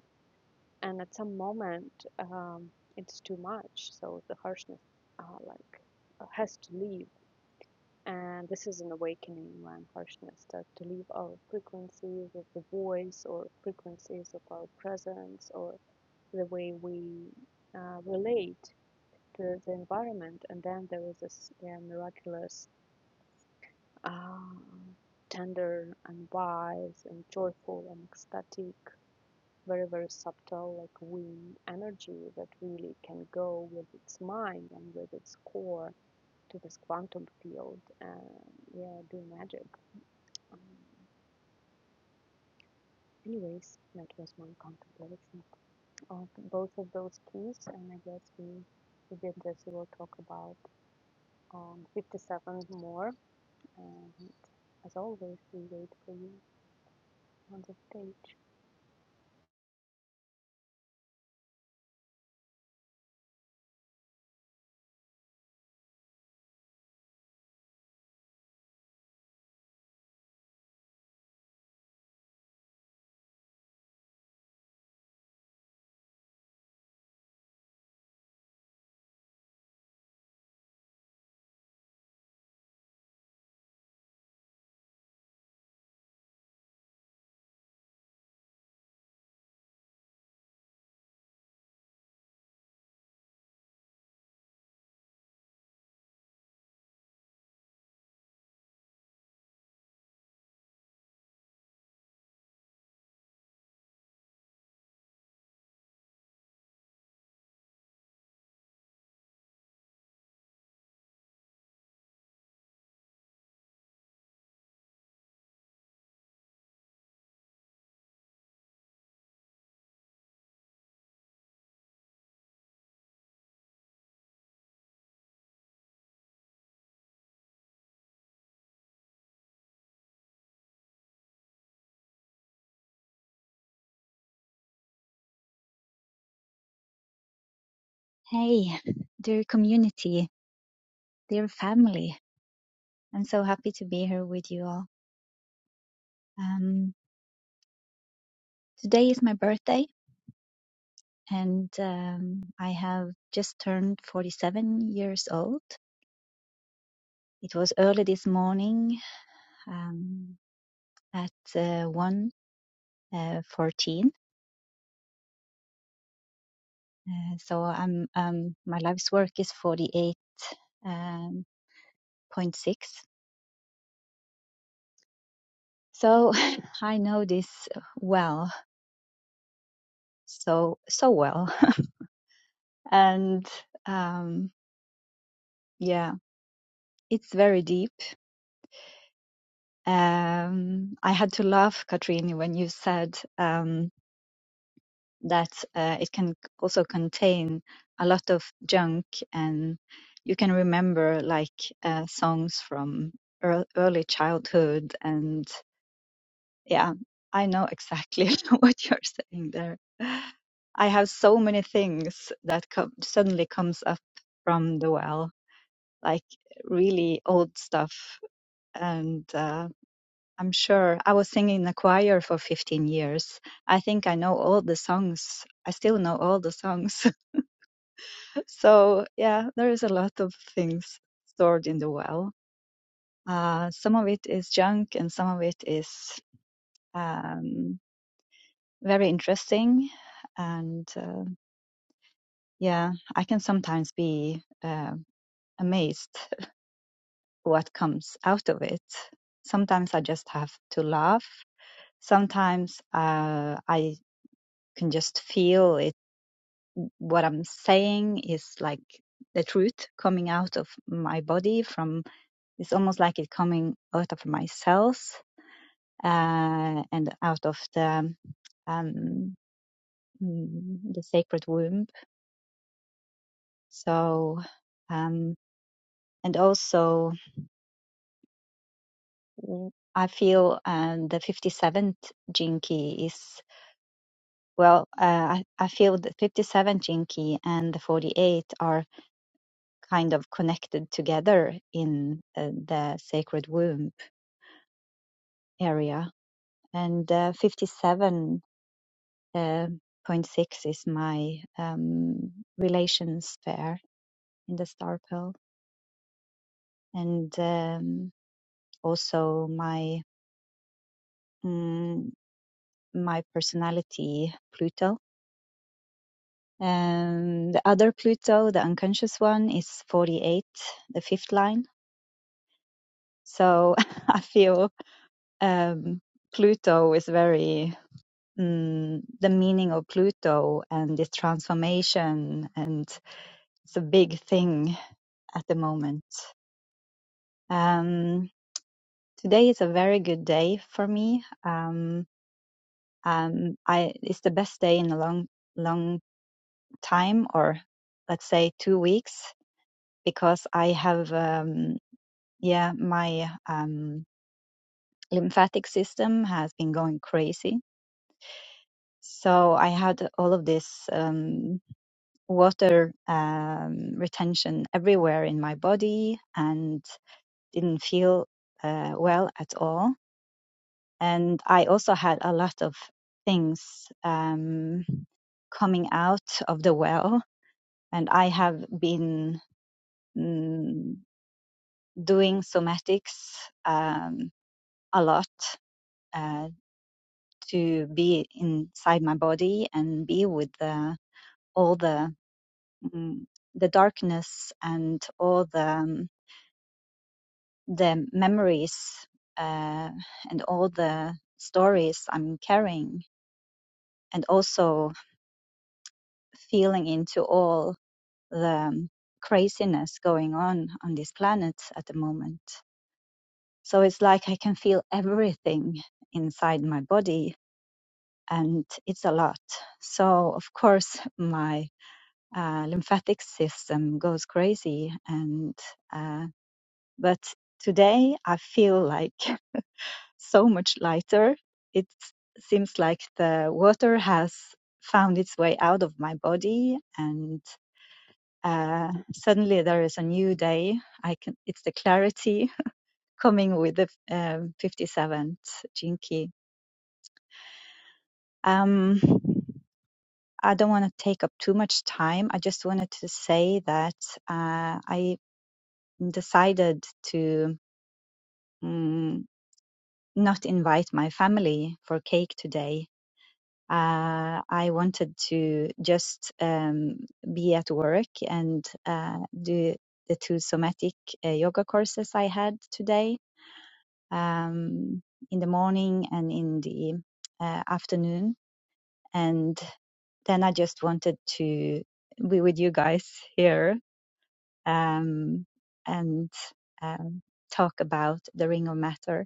and at some moment um, it's too much so the harshness uh, like uh, has to leave and this is an awakening when harshness starts to leave our frequencies of the voice or frequencies of our presence or the way we uh, relate to the environment and then there is this yeah, miraculous uh, tender and wise and joyful and ecstatic very very subtle like wind energy that really can go with its mind and with its core to this quantum field and yeah do magic um, anyways that was my contemplation of both of those keys and i guess we we did this we will be interested. We'll talk about um 57 more and as always we wait for you on the stage Hey, dear community, dear family. I'm so happy to be here with you all. Um, today is my birthday, and um, I have just turned 47 years old. It was early this morning um, at uh, 1 uh, 14. Uh, so I'm um, my life's work is 48.6. Um, so I know this well, so so well, and. Um, Yeah, it's very deep. Um, I had to laugh, Katrine, when you said um, that uh, it can also contain a lot of junk, and you can remember like uh, songs from ear early childhood. And yeah, I know exactly what you're saying there. I have so many things that come, suddenly comes up from the well, like really old stuff and. Uh, I'm sure. I was singing in the choir for 15 years. I think I know all the songs. I still know all the songs. so, yeah, there is a lot of things stored in the well. Uh, some of it is junk and some of it is um, very interesting. And uh, yeah, I can sometimes be uh, amazed what comes out of it. Sometimes I just have to laugh. Sometimes uh, I can just feel it what I'm saying is like the truth coming out of my body from it's almost like it coming out of my cells uh, and out of the um, mm, the sacred womb. So um, and also I feel um, the 57th jinki is well. Uh, I, I feel the 57 jinki and the 48 are kind of connected together in uh, the sacred womb area. And uh, 57.6 is my um, relation sphere in the star pearl, and um, also my mm, my personality Pluto. Um, the other Pluto, the unconscious one, is 48, the fifth line. So I feel um, Pluto is very mm, the meaning of Pluto and its transformation, and it's a big thing at the moment. Um, today is a very good day for me. Um, um, I, it's the best day in a long, long time, or let's say two weeks, because I have, um, yeah, my um, lymphatic system has been going crazy. So I had all of this. um, water um, retention everywhere in my body and didn't feel uh, well at all. And I also had a lot of things um, coming out of the well. And I have been mm, doing somatics um, a lot uh, to be inside my body and be with the, all the mm, the darkness and all the um, the memories uh, and all the stories I'm carrying, and also feeling into all the um, craziness going on on this planet at the moment. So it's like I can feel everything inside my body, and it's a lot. So, of course, my uh, lymphatic system goes crazy, and uh, but today I feel like so much lighter. It seems like the water has found its way out of my body, and uh, suddenly there is a new day. I can. It's the clarity coming with the um 57th Jinki. Um, I don't want to take up too much time. I just wanted to say that uh, I decided to mm, not invite my family for cake today uh, I wanted to just um, be at work and uh, do the two somatic uh, yoga courses I had today um, in the morning and in the uh, afternoon. And then I just wanted to be with you guys here um, and um, talk about the Ring of Matter.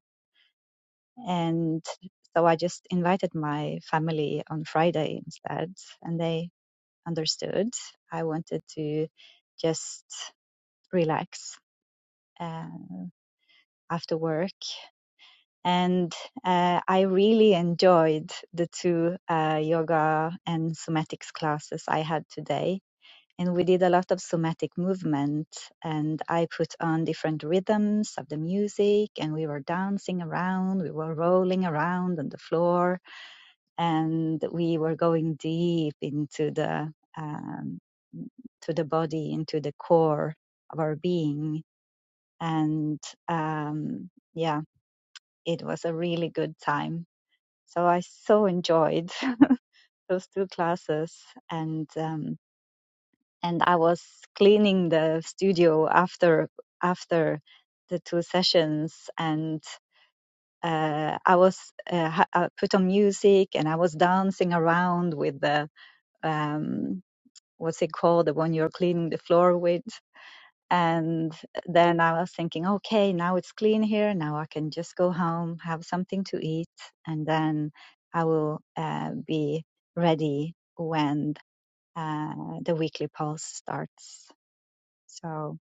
And so I just invited my family on Friday instead, and they understood. I wanted to just relax um, after work. And uh, I really enjoyed the two uh, yoga and somatics classes I had today. And we did a lot of somatic movement, and I put on different rhythms of the music, and we were dancing around, we were rolling around on the floor, and we were going deep into the um, to the body, into the core of our being, and um, yeah, it was a really good time. So I so enjoyed those two classes, and um, and I was cleaning the studio after after the two sessions, and uh, I was uh, ha- I put on music and I was dancing around with the um, what's it called, the one you're cleaning the floor with. And then I was thinking, okay, now it's clean here. Now I can just go home, have something to eat, and then I will uh, be ready when uh, the weekly pulse starts. So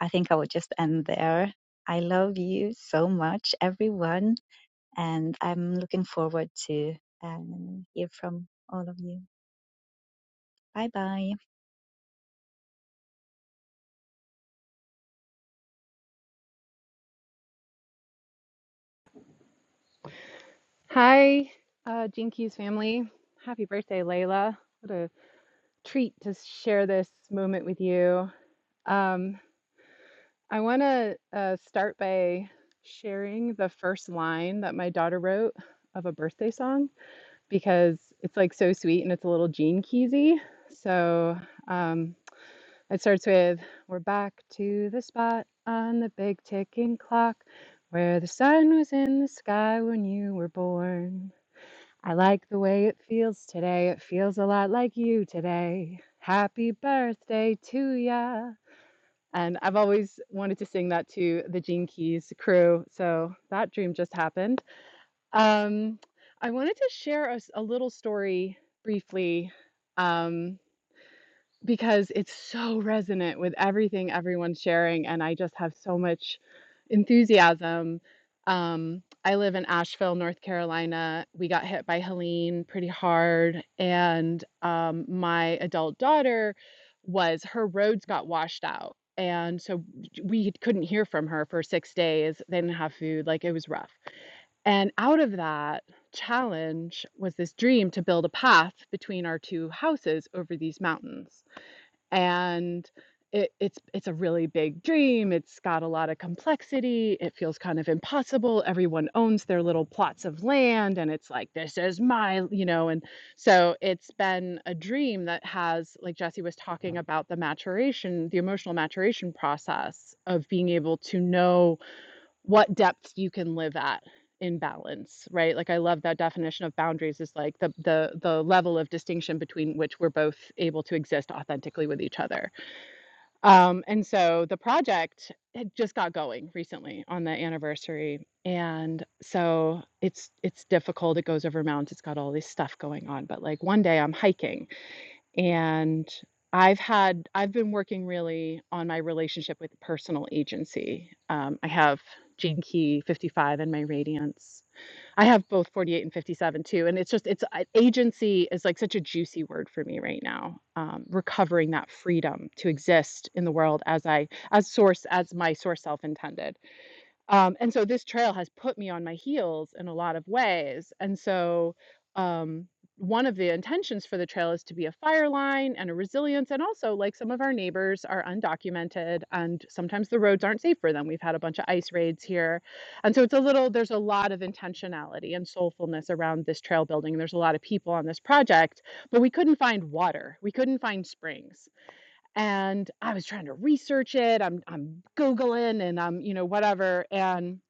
I think I will just end there. I love you so much, everyone, and I'm looking forward to um, hear from all of you. Bye bye. Hi, uh, Jinkies family. Happy birthday, Layla. What a treat to share this moment with you. Um, I want to uh, start by sharing the first line that my daughter wrote of a birthday song because it's like so sweet and it's a little Gene Keesy. So um, it starts with We're back to the spot on the big ticking clock where the sun was in the sky when you were born. I like the way it feels today. It feels a lot like you today. Happy birthday to ya. And I've always wanted to sing that to the Gene Keys crew. So that dream just happened. Um, I wanted to share a, s- a little story briefly. Um, because it's so resonant with everything everyone's sharing and i just have so much enthusiasm um, i live in asheville north carolina we got hit by helene pretty hard and um, my adult daughter was her roads got washed out and so we couldn't hear from her for six days they didn't have food like it was rough and out of that challenge was this dream to build a path between our two houses over these mountains and it, it's it's a really big dream. It's got a lot of complexity. It feels kind of impossible. Everyone owns their little plots of land, and it's like this is my, you know. And so it's been a dream that has, like Jesse was talking about, the maturation, the emotional maturation process of being able to know what depth you can live at in balance right like i love that definition of boundaries is like the the the level of distinction between which we're both able to exist authentically with each other um and so the project had just got going recently on the anniversary and so it's it's difficult it goes over mountains it's got all this stuff going on but like one day i'm hiking and I've had I've been working really on my relationship with personal agency. Um, I have Gene Key 55 in my Radiance. I have both 48 and 57 too. And it's just it's I- agency is like such a juicy word for me right now. Um, recovering that freedom to exist in the world as I as source as my source self intended um, and so this trail has put me on my heels in a lot of ways. And so um, one of the intentions for the trail is to be a fire line and a resilience. And also, like some of our neighbors are undocumented and sometimes the roads aren't safe for them. We've had a bunch of ice raids here. And so it's a little, there's a lot of intentionality and soulfulness around this trail building. There's a lot of people on this project, but we couldn't find water. We couldn't find springs and I was trying to research it. I'm I'm googling and I'm you know whatever and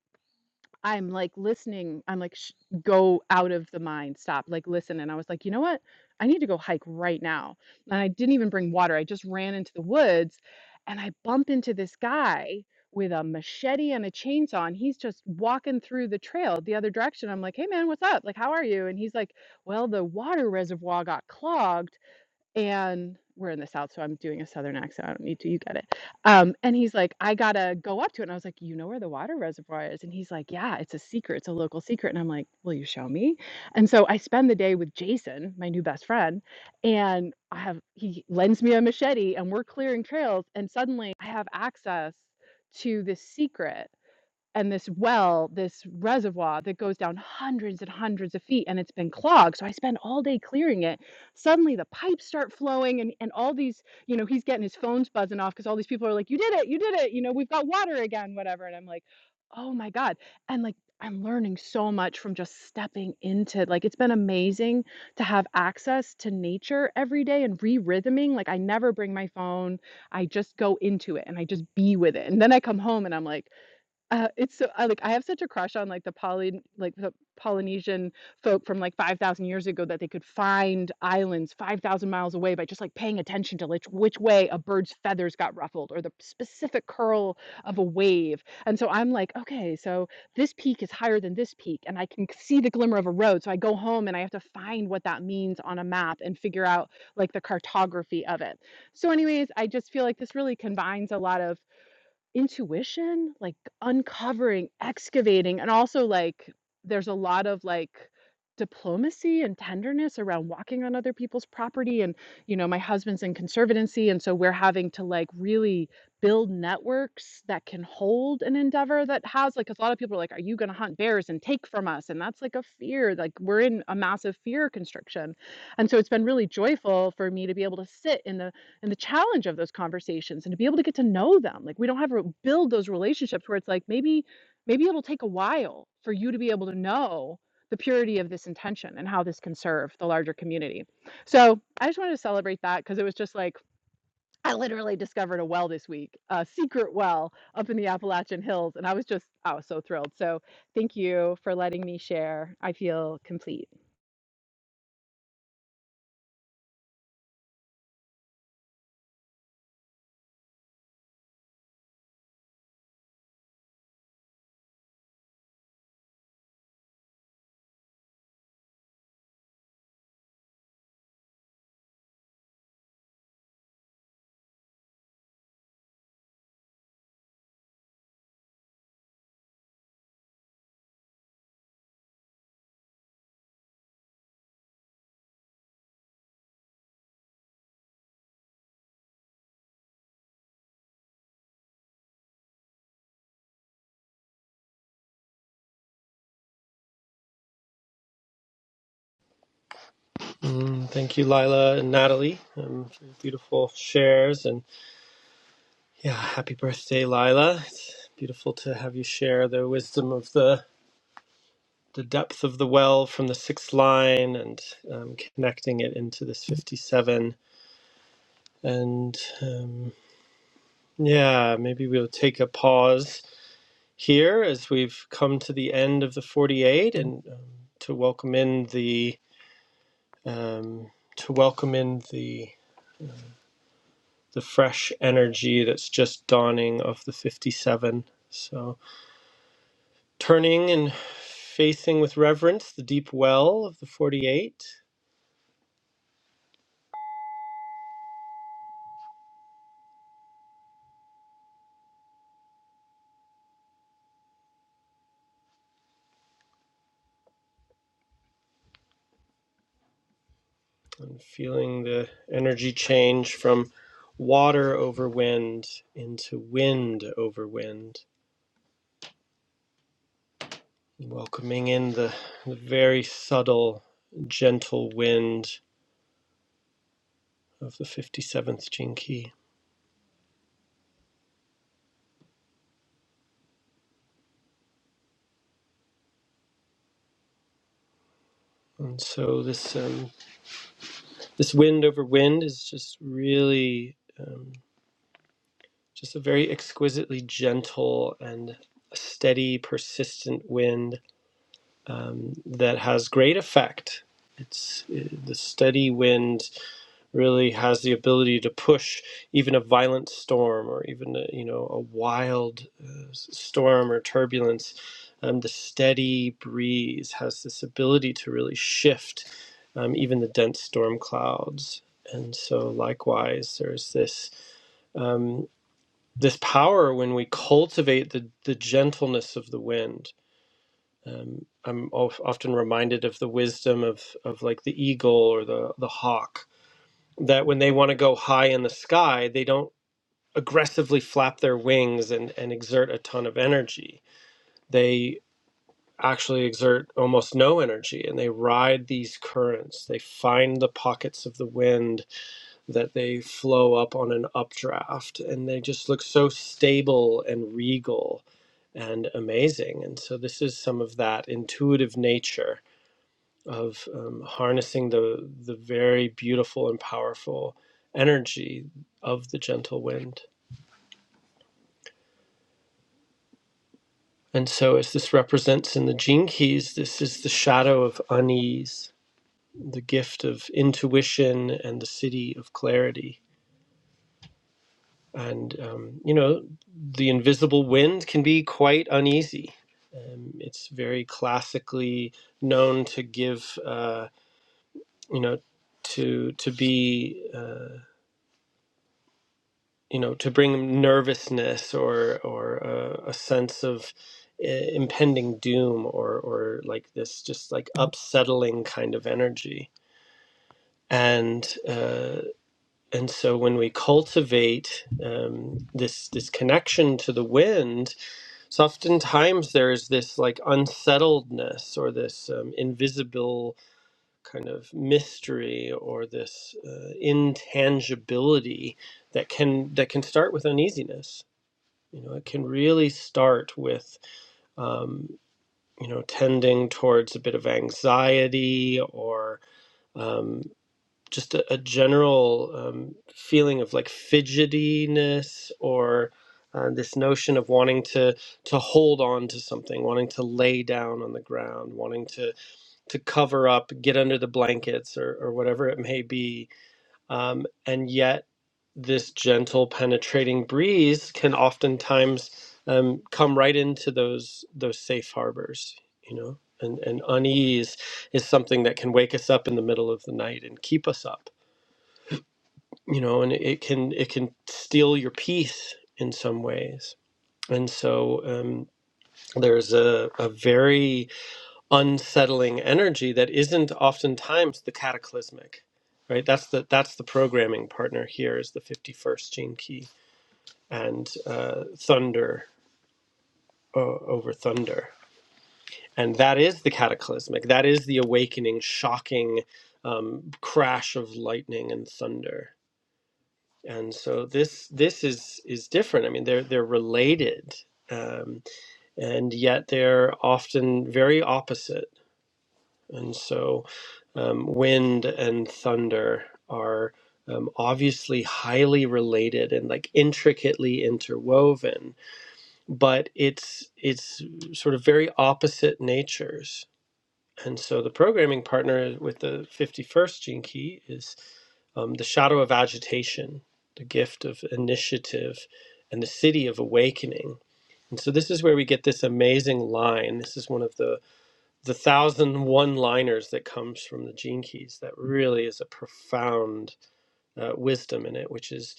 I'm like listening. I'm like Shh, go out of the mind, stop, like listen. And I was like, you know what? I need to go hike right now. And I didn't even bring water. I just ran into the woods, and I bump into this guy with a machete and a chainsaw and he's just walking through the trail the other direction i'm like hey man what's up like how are you and he's like well the water reservoir got clogged and we're in the south so i'm doing a southern accent i don't need to you get it um, and he's like i gotta go up to it and i was like you know where the water reservoir is and he's like yeah it's a secret it's a local secret and i'm like will you show me and so i spend the day with jason my new best friend and i have he lends me a machete and we're clearing trails and suddenly i have access to this secret and this well, this reservoir that goes down hundreds and hundreds of feet and it's been clogged. So I spend all day clearing it. Suddenly the pipes start flowing and, and all these, you know, he's getting his phones buzzing off because all these people are like, you did it, you did it, you know, we've got water again, whatever. And I'm like, oh my God. And like, I'm learning so much from just stepping into like it's been amazing to have access to nature every day and re-rhythming. Like I never bring my phone. I just go into it and I just be with it. And then I come home and I'm like, uh, it's so I like I have such a crush on like the Poly like the Polynesian folk from like 5,000 years ago that they could find islands 5,000 miles away by just like paying attention to which which way a bird's feathers got ruffled or the specific curl of a wave. And so I'm like, okay, so this peak is higher than this peak, and I can see the glimmer of a road. So I go home and I have to find what that means on a map and figure out like the cartography of it. So, anyways, I just feel like this really combines a lot of Intuition, like, uncovering, excavating, and also, like, there's a lot of, like, diplomacy and tenderness around walking on other people's property, and, you know, my husband's in conservancy, and so we're having to, like, really build networks that can hold an endeavor that has like 'cause a lot of people are like, "Are you gonna hunt bears and take from us?" And that's, like, a fear, like, we're in a massive fear constriction, and so it's been really joyful for me to be able to sit in the and the challenge of those conversations and to be able to get to know them like we don't have to build those relationships where it's like maybe maybe it'll take a while for you to be able to know the purity of this intention and how this can serve the larger community so i just wanted to celebrate that because it was just like i literally discovered a well this week a secret well up in the appalachian hills and i was just i was so thrilled so thank you for letting me share i feel complete Mm, thank you lila and natalie um, for your beautiful shares and yeah happy birthday lila it's beautiful to have you share the wisdom of the the depth of the well from the sixth line and um, connecting it into this 57. And um, yeah, maybe we'll take a pause here as we've come to the end of the 48 and um, to welcome in the um, to welcome in the the fresh energy that's just dawning of the 57. So turning and facing with reverence the deep well of the 48 I'm feeling the energy change from water over wind into wind over wind. Welcoming in the, the very subtle, gentle wind of the 57th Gene Key. And so this um, this wind over wind is just really um, just a very exquisitely gentle and steady, persistent wind um, that has great effect. It's uh, the steady wind really has the ability to push even a violent storm or even a, you know a wild uh, s- storm or turbulence. Um, the steady breeze has this ability to really shift um, even the dense storm clouds. And so, likewise, there's this um, this power when we cultivate the the gentleness of the wind um, I'm of, often reminded of the wisdom of, of like the eagle or the, the hawk, that when they want to go high in the sky, they don't aggressively flap their wings and, and exert a ton of energy. They actually exert almost no energy and they ride these currents. They find the pockets of the wind that they flow up on an updraft and they just look so stable and regal and amazing. And so this is some of that intuitive nature of um, harnessing the the very beautiful and powerful energy of the gentle wind. And so, as this represents in the gene keys, this is the shadow of unease, the gift of intuition, and the city of clarity. And um, you know, the invisible wind can be quite uneasy. Um, it's very classically known to give, uh, you know, to to be. uh, you know to bring nervousness or or uh, a sense of uh, impending doom or or like this just like upsettling kind of energy and uh, and so when we cultivate um, this this connection to the wind so oftentimes there's this like unsettledness or this um, invisible kind of mystery or this uh, intangibility that can that can start with uneasiness you know, it can really start with, um, you know, tending towards a bit of anxiety or um, just a, a general um, feeling of like fidgetiness or uh, this notion of wanting to to hold on to something, wanting to lay down on the ground, wanting to to cover up, get under the blankets or, or whatever it may be um, and yet, this gentle, penetrating breeze can oftentimes um, come right into those those safe harbors, you know. And, and unease is something that can wake us up in the middle of the night and keep us up, you know. And it can it can steal your peace in some ways. And so um, there's a, a very unsettling energy that isn't oftentimes the cataclysmic right that's the that's the programming partner here is the 51st gene key and uh, thunder uh, over thunder and that is the cataclysmic that is the awakening shocking um, crash of lightning and thunder and so this this is is different i mean they're they're related um, and yet they're often very opposite And so, um, wind and thunder are um, obviously highly related and like intricately interwoven, but it's it's sort of very opposite natures. And so, the programming partner with the 51st gene key is um, the shadow of agitation, the gift of initiative, and the city of awakening. And so, this is where we get this amazing line. This is one of the the thousand one liners that comes from the gene keys that really is a profound uh, wisdom in it which is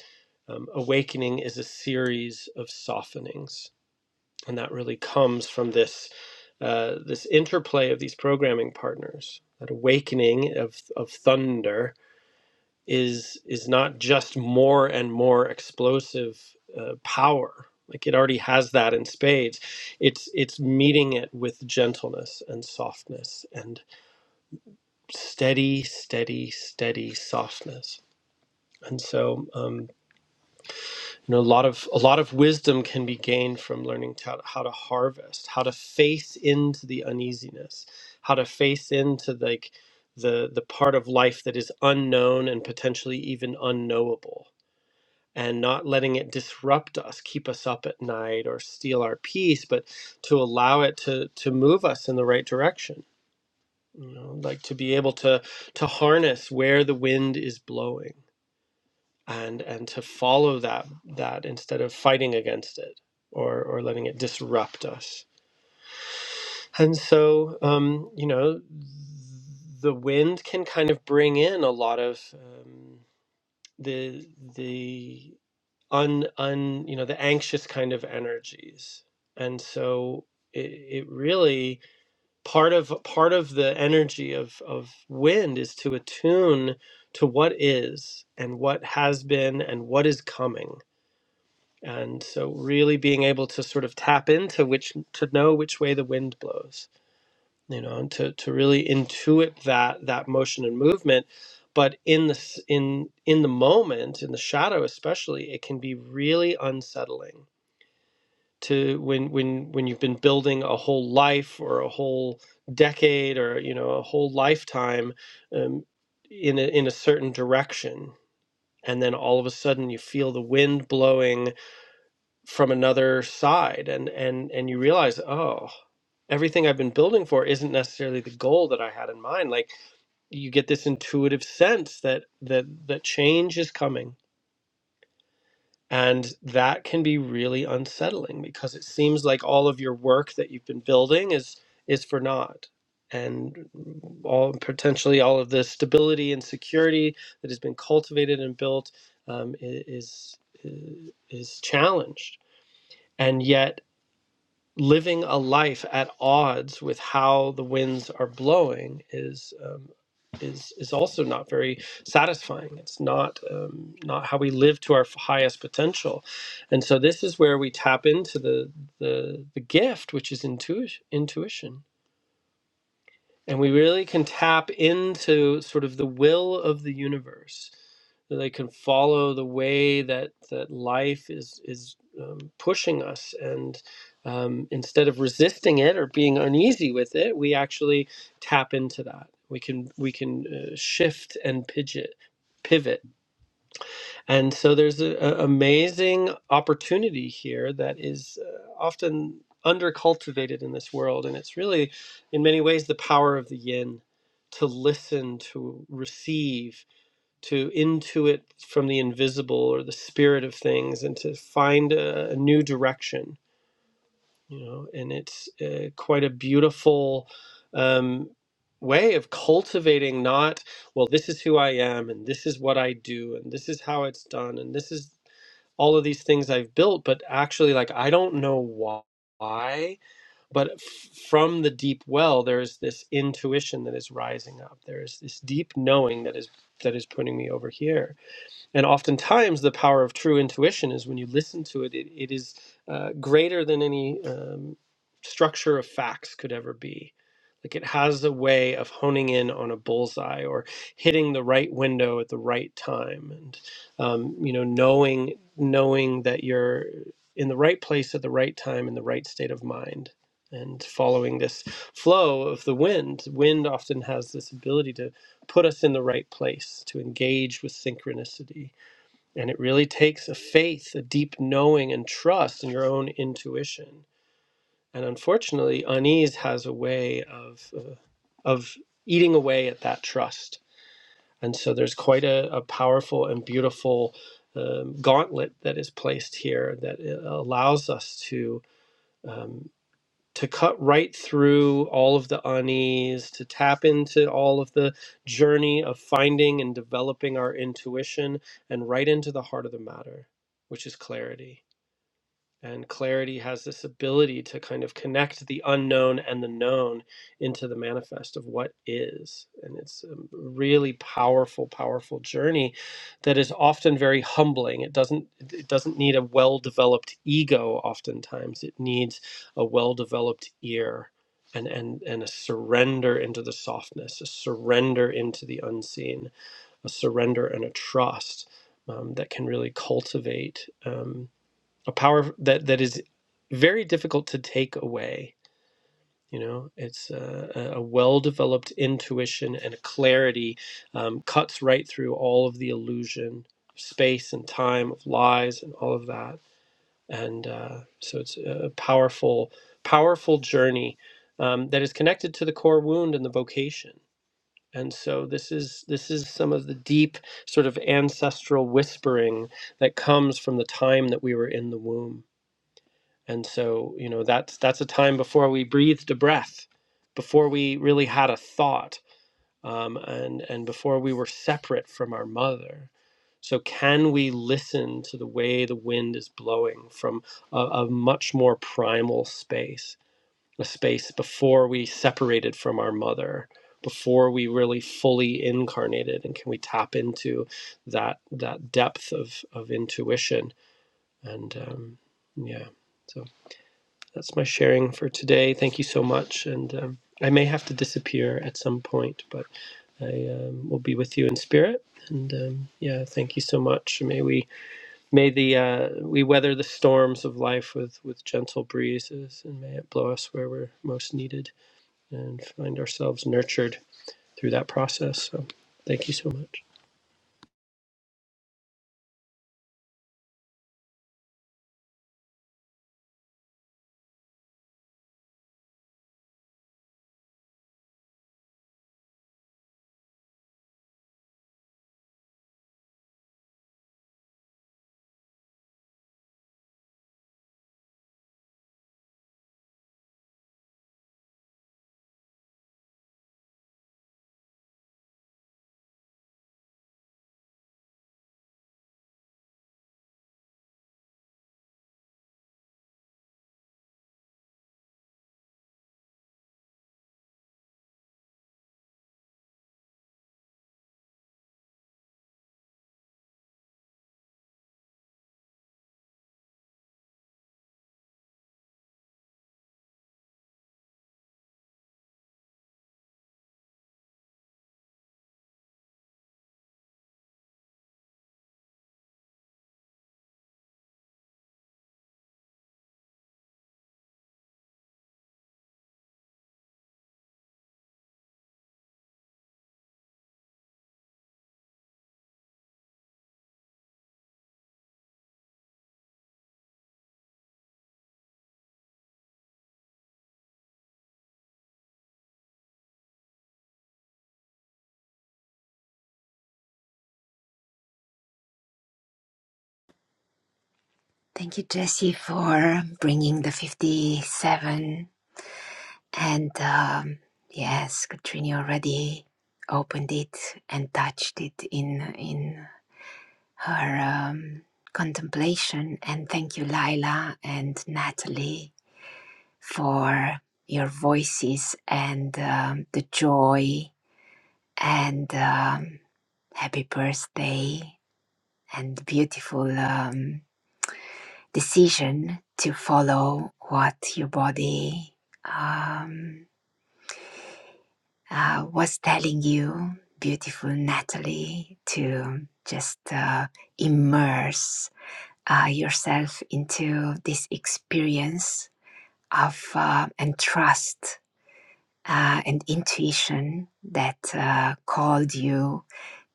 um, awakening is a series of softenings and that really comes from this uh, this interplay of these programming partners that awakening of, of thunder is is not just more and more explosive uh, power like it already has that in spades it's it's meeting it with gentleness and softness and steady, steady, steady softness. And so, um, you know, a lot of a lot of wisdom can be gained from learning to, how to harvest, how to face into the uneasiness, how to face into like the the part of life that is unknown and potentially even unknowable, and not letting it disrupt us, keep us up at night, or steal our peace, but to allow it to to move us in the right direction you know like to be able to to harness where the wind is blowing and and to follow that that instead of fighting against it or or letting it disrupt us and so um you know the wind can kind of bring in a lot of um, the the un un you know the anxious kind of energies and so it, it really part of part of the energy of of wind is to attune to what is and what has been and what is coming and so really being able to sort of tap into which to know which way the wind blows you know and to to really intuit that that motion and movement but in the s- in in the moment in the shadow especially it can be really unsettling to when when when you've been building a whole life or a whole decade or you know a whole lifetime um, in a, in a certain direction and then all of a sudden you feel the wind blowing from another side and and and you realize oh everything i've been building for isn't necessarily the goal that i had in mind like you get this intuitive sense that that that change is coming And that can be really unsettling because it seems like all of your work that you've been building is is for naught. And all potentially all of the stability and security that has been cultivated and built um, i- is is challenged. And yet living a life at odds with how the winds are blowing is um, is is also not very satisfying. It's not um, not how we live to our f- highest potential, and so this is where we tap into the the the gift, which is intuition. Intuition and we really can tap into sort of the will of the universe they can follow the way that that life is is um, pushing us and um, instead of resisting it or being uneasy with it we actually tap into that we can we can uh, shift and pidget, pivot and so there's an amazing opportunity here that is uh, often undercultivated in this world. And it's really, in many ways, the power of the yin to listen, to receive, to intuit from the invisible or the spirit of things, and to find a, a new direction. You know, and it's uh, quite a beautiful um, way of cultivating not well, this is who I am, and this is what I do, and this is how it's done, and this is all of these things I've built, but actually, like, I don't know why. But f- from the deep well, there is this intuition that is rising up. There is this deep knowing that is that is putting me over here and oftentimes, the power of true intuition is when you listen to it, it, it is uh, greater than any um, structure of facts could ever be. Like it has a way of honing in on a bullseye or hitting the right window at the right time, and um, you know, knowing knowing that you're in the right place at the right time in the right state of mind, and following this flow of the wind. Wind often has this ability to put us in the right place to engage with synchronicity and it really takes a faith, a deep knowing and trust in your own intuition. And unfortunately, unease has a way of, uh, of eating away at that trust. And so there's quite a, a powerful and beautiful um, gauntlet that is placed here that uh, allows us to. um, to cut right through all of the unease, to tap into all of the journey of finding and developing our intuition and right into the heart of the matter, which is clarity. And clarity has this ability to kind of connect the unknown and the known into the manifest of what is. And it's a really powerful, powerful journey that is often very humbling. It doesn't it doesn't need a well-developed ego oftentimes. It needs a well-developed ear and, and, and a surrender into the softness, a surrender into the unseen, a surrender and a trust um, that can really cultivate. um, a power that that is very difficult to take away. You know, it's uh, a, a well-developed intuition and a clarity um, cuts right through all of the illusion, space and time of lies and all of that. And uh, so it's a powerful, powerful journey um, that is connected to the core wound and the vocation. And so this is this is some of the deep sort of ancestral whispering that comes from the time that we were in the womb and so, you know, that's that's a time before we breathed a breath, before we really had a thought, um, and and before we were separate from our mother. So, can we listen to the way the wind is blowing from a, a much more primal space, a space before we separated from our mother, before we really fully incarnated, and can we tap into that that depth of of intuition? And um, yeah, so that's my sharing for today. Thank you so much. And um, I may have to disappear at some point, but I um, will be with you in spirit. And um, yeah, thank you so much. May we may the uh, we weather the storms of life with with gentle breezes, and may it blow us where we're most needed, and find ourselves nurtured through that process. So, thank you so much. Thank you, Jesse, for bringing the 57. And um, yes, Katrini already opened it and touched it in in her um, contemplation. And thank you, Laila and Natalie for your voices and um, the joy and um, happy birthday and beautiful um, decision to follow what your body um, uh, was telling you. Beautiful Natalie, to just uh, immerse uh, yourself into this experience of uh, and trust uh, an intuition that uh, called you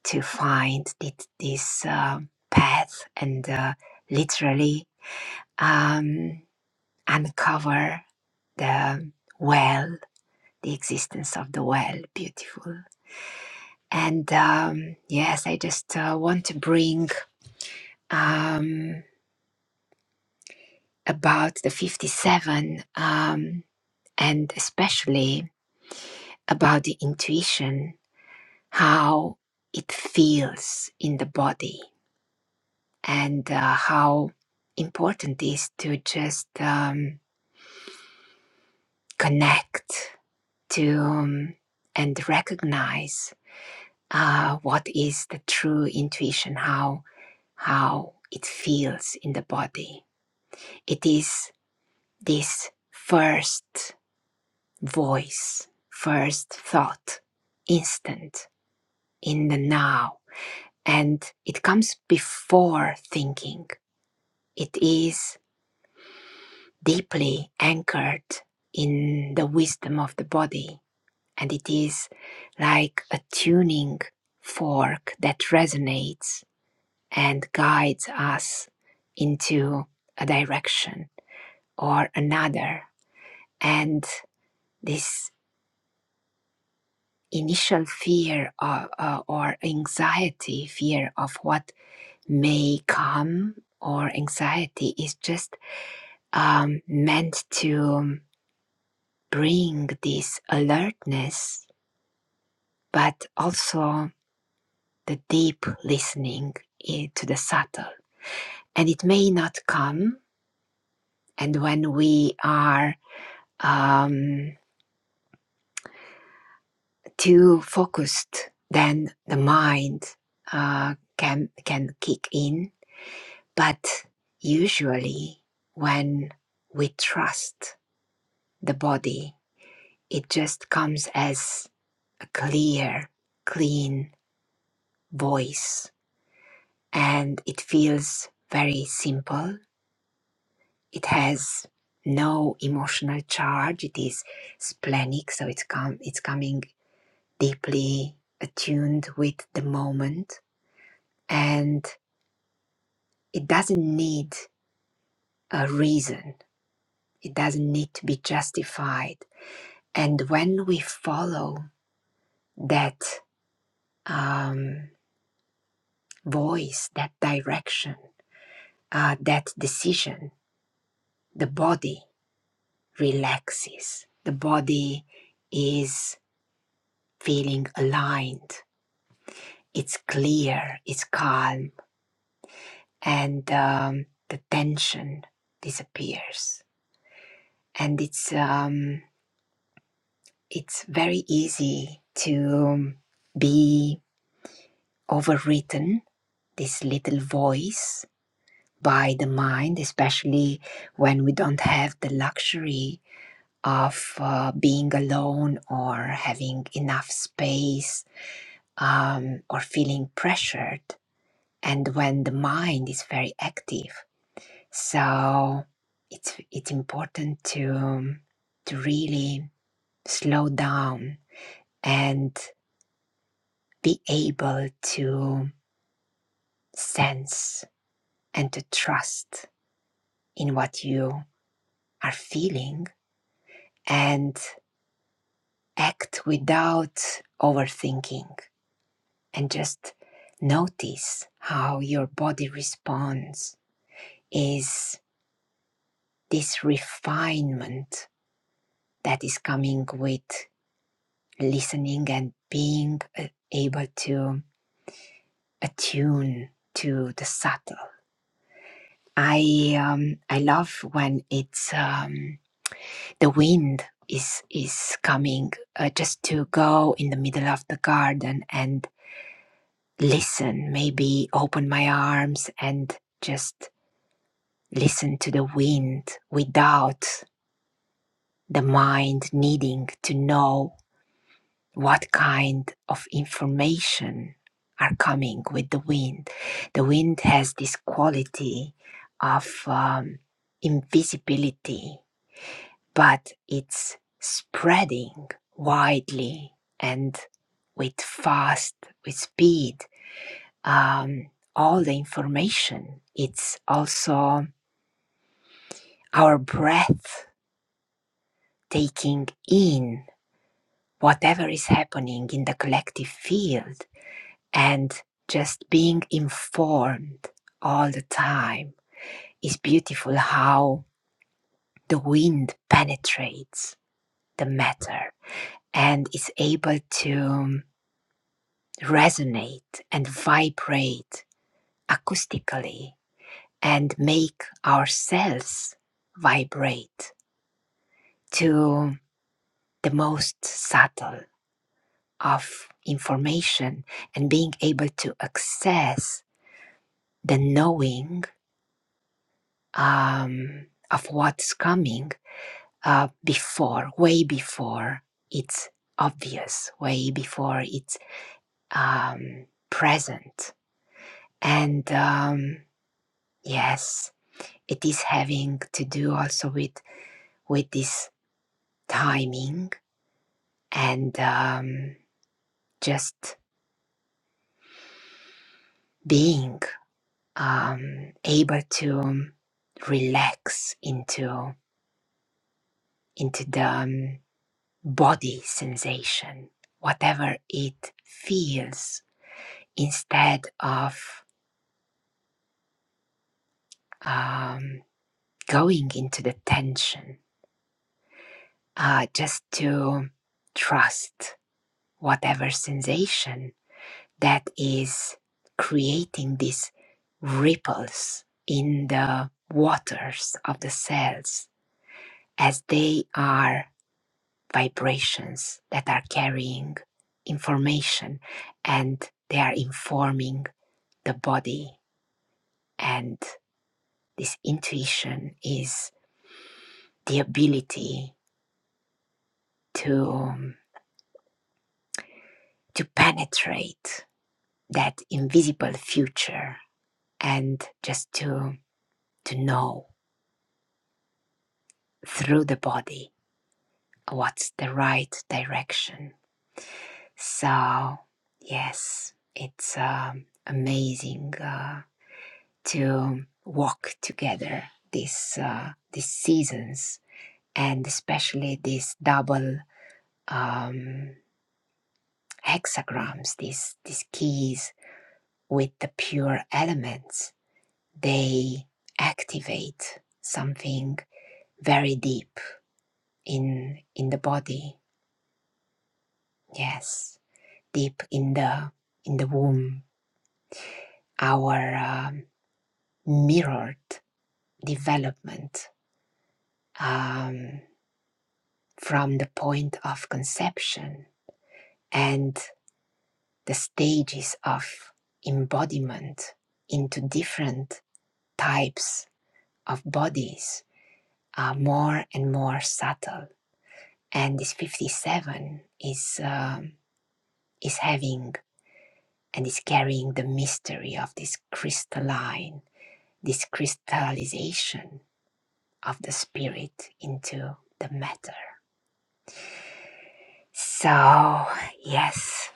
to find thi- this uh, path and uh, literally um, uncover the well, the existence of the well. Beautiful. And um, yes, I just uh, want to bring um, about the 57 um, and especially about the intuition how it feels in the body and uh, how important it is to just um, connect to um, and recognize uh, what is the true intuition, how how it feels in the body. It is this first voice, first thought, instant in the now, and it comes before thinking It is deeply anchored in the wisdom of the body, and it is like a tuning fork that resonates and guides us into a direction or another. And this initial fear or, uh, or anxiety, fear of what may come, or anxiety is just um, meant to bring this alertness, but also the deep listening to the subtle. And it may not come. And when we are um, too focused, then the mind uh, can can kick in. But usually, when we trust the body, it just comes as a clear, clean voice and it feels very simple. It has no emotional charge. It is splenic, so it's com- it's coming deeply attuned with the moment, and it doesn't need a reason. It doesn't need to be justified. And when we follow that um, voice, that direction, uh, that decision, the body. relaxes. The body is feeling aligned. It's clear, it's calm, and um, the tension disappears. And it's um, it's very easy to um, be overwritten. This little voice by the mind, especially when we don't have the luxury of uh, being alone or having enough space um, or feeling pressured and when the mind is very active so it's it's important to to really slow down and be able to sense and to trust in what you are feeling and act without overthinking and just notice how your body responds is this refinement that is coming with listening and being uh, able to attune to the subtle. I um, I love when it's um, the wind is is coming uh, just to go in the middle of the garden and listen, maybe open my arms and just listen to the wind without the mind needing to know what kind of information are coming with the wind. The wind has this quality of um, invisibility, but it's spreading widely and with fast, with speed, um, all the information. It's also our breath taking in whatever is happening in the collective field and just being informed all the time is beautiful how the wind penetrates the matter and is able to resonate and vibrate acoustically and make ourselves vibrate to the most subtle of information and being able to access the knowing um, of what's coming uh, before, way before it's obvious, way before it's um, present. And um, yes, it is having to do also with with this timing and um, just being um, able to relax into into the um, body sensation, whatever it feels, instead of um, going into the tension uh, just to trust whatever sensation that is creating these ripples in the waters of the cells as they are vibrations that are carrying information and they are informing the body and this intuition is the ability to um, to penetrate that invisible future and just to to know through the body what's the right direction so yes it's um, amazing uh, to walk together these uh, these seasons and especially these double um, hexagrams these these keys with the pure elements they activate something very deep in in the body yes deep in the in the womb our um, mirrored development um, from the point of conception and the stages of embodiment into different types of bodies are more and more subtle and this 57 is uh, is having and is carrying the mystery of this crystalline, this crystallization of the spirit into the matter. So, yes,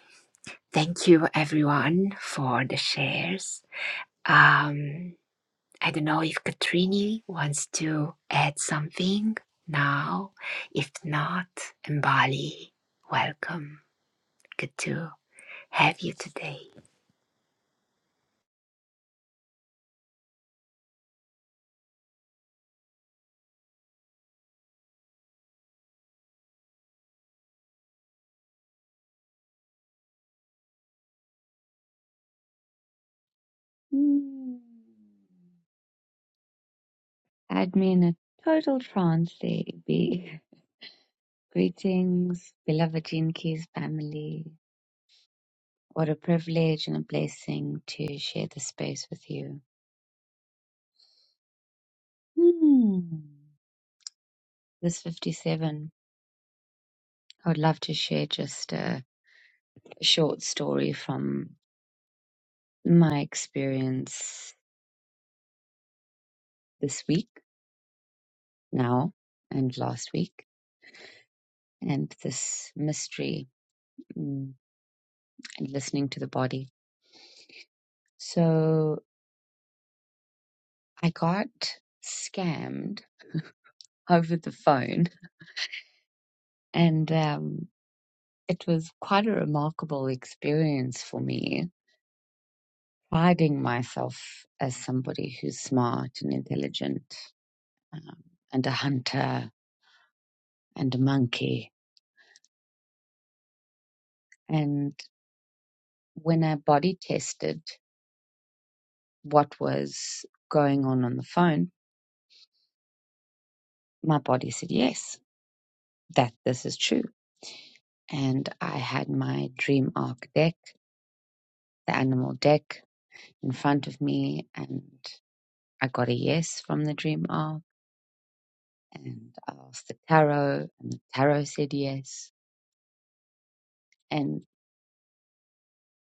thank you everyone for the shares. Um, I don't know if Katrini wants to add something now. If not, Mbali, welcome. Good to have you today. Hmm. I'd be in a total trance. They'd be greetings, beloved Jean Keys family. What a privilege and a blessing to share this space with you. Hmm. This 57. I would love to share just a short story from my experience this week, now, and last week, and this mystery mm, and listening to the body. So I got scammed over the phone, and um, it was quite a remarkable experience for me, priding myself as somebody who's smart and intelligent, um, and a hunter and a monkey. And when I body tested what was going on on the phone, my body said yes, that this is true. And I had my dream arc deck, the animal deck, in front of me, and I got a yes from the dream arc and I asked the tarot and the tarot said yes. And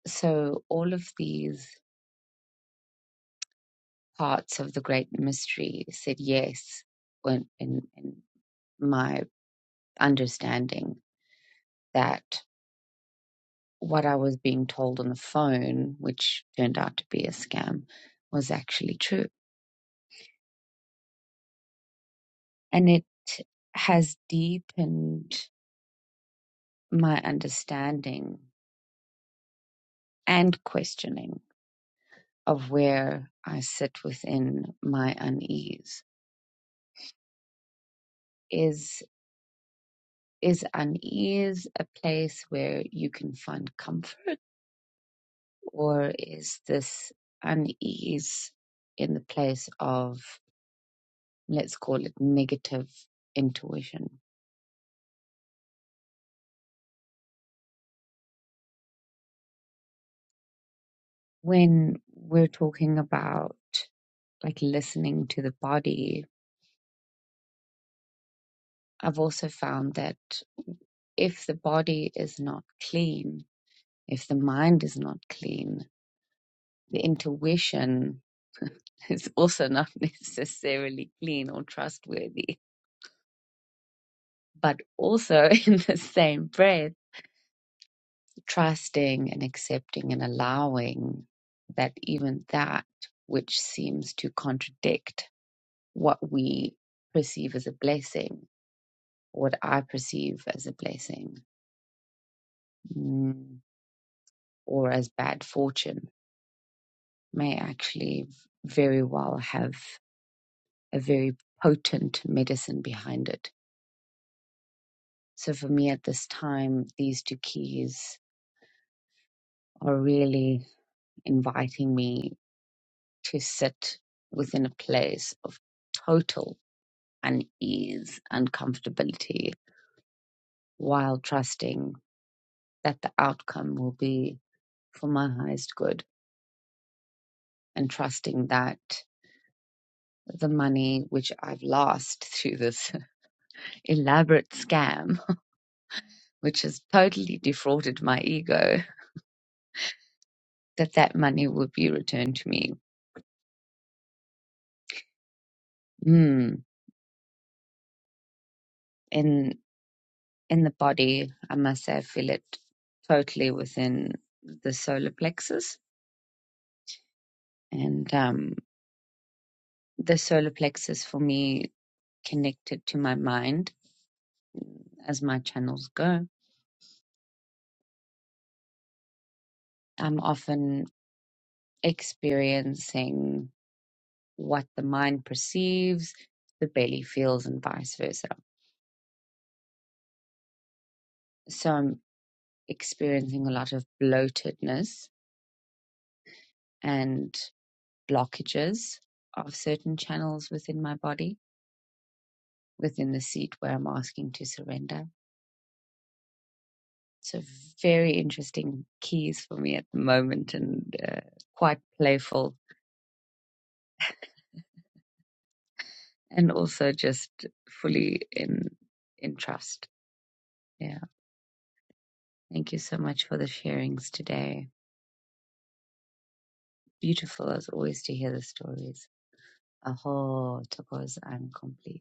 so all of these parts of the great mystery said yes when in, in my understanding that what I was being told on the phone, which turned out to be a scam, was actually true. And it has deepened my understanding and questioning of where I sit within my unease. Is is unease a place where you can find comfort, or is this unease in the place of let's call it negative intuition? When we're talking about like listening to the body, I've also found that if the body is not clean, if the mind is not clean, the intuition is also not necessarily clean or trustworthy. But also, in the same breath, trusting and accepting and allowing that even that which seems to contradict what we perceive as a blessing, what I perceive as a blessing mm, or as bad fortune, may actually very well have a very potent medicine behind it So for me at this time, these two keys are really inviting me to sit within a place of total unease and comfortability while trusting that the outcome will be for my highest good and trusting that the money which I've lost through this elaborate scam, which has totally defrauded my ego, that that money will be returned to me. Hmm in the body, I must say, I feel it totally within the solar plexus. And um, the solar plexus for me connected to my mind as my channels go. I'm often experiencing what the mind perceives, the belly feels, and vice versa. So I'm experiencing a lot of bloatedness and blockages of certain channels within my body, within the seat where I'm asking to surrender So very interesting keys for me at the moment and uh, quite playful and also just fully in in trust. Yeah. Thank you so much for the sharings today. Beautiful as always to hear the stories. Aho, tacos, I'm complete.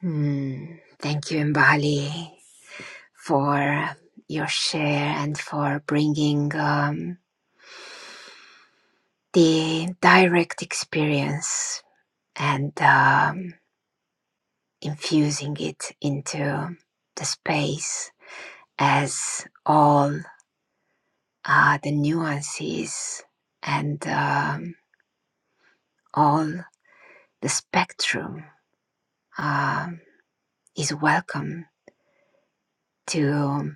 Hmm, thank you, Mbali. for your share and for bringing um, the direct experience and um, infusing it into the space as all uh, the nuances and um, all the spectrum um, is welcome to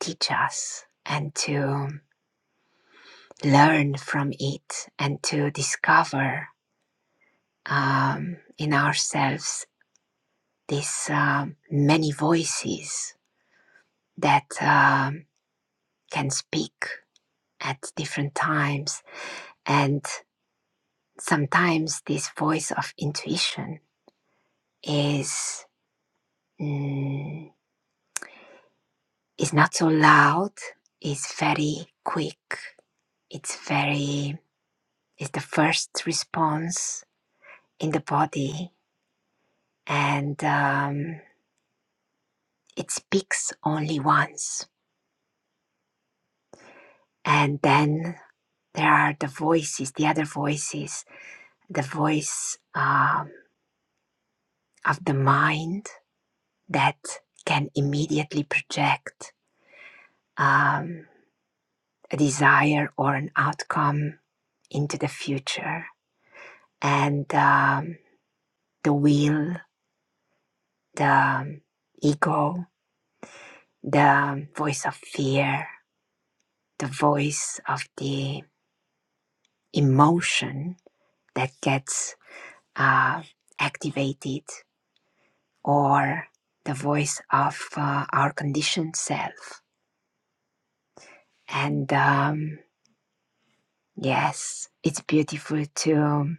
teach us and to learn from it and to discover um, in ourselves these um, many voices that um, can speak at different times. And sometimes this voice of intuition is, mm, is not so loud, is very quick, it's very, it's the first response in the body, and um, it speaks only once. And then There are the voices, the other voices, the voice um, of the mind that can immediately project um, a desire or an outcome into the future, and um, the will, the um, ego, the voice of fear, the voice of the emotion that gets uh, activated or the voice of uh, our conditioned self. And um, yes, it's beautiful to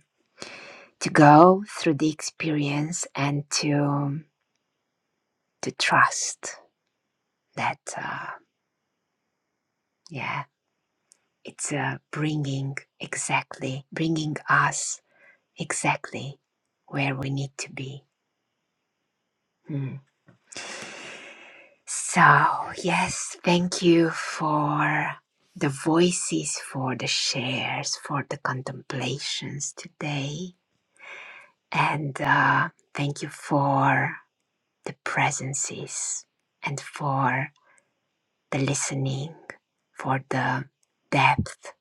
to go through the experience and to to trust that uh, yeah, it's uh, bringing exactly bringing us exactly where we need to be. Hmm. So, yes, thank you for the voices, for the shares, for the contemplations today. And uh, thank you for the presences and for the listening, for the depth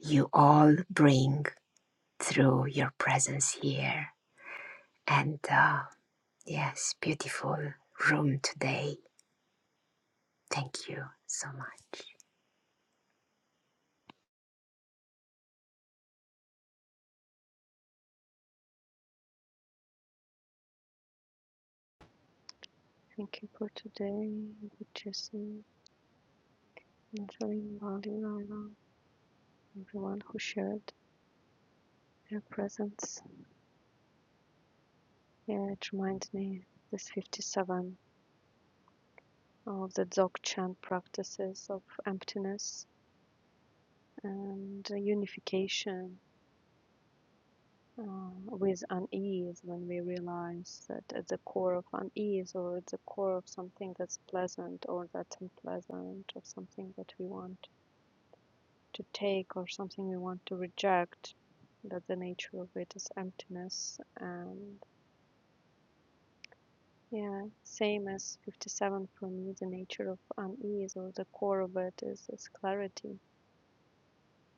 you all bring through your presence here. And uh, yes, beautiful room today. Thank you so much. Thank you for today, Jesse, Natalie, Bali, Lila, everyone who shared. Their presence, yeah, it reminds me, this 57, of the Dzogchen practices of emptiness and unification uh, with unease when we realize that at the core of unease or at the core of something that's pleasant or that's unpleasant or something that we want to take or something we want to reject, that the nature of it is emptiness. and. Yeah, same as 57 for me, the nature of unease or the core of it is, is clarity.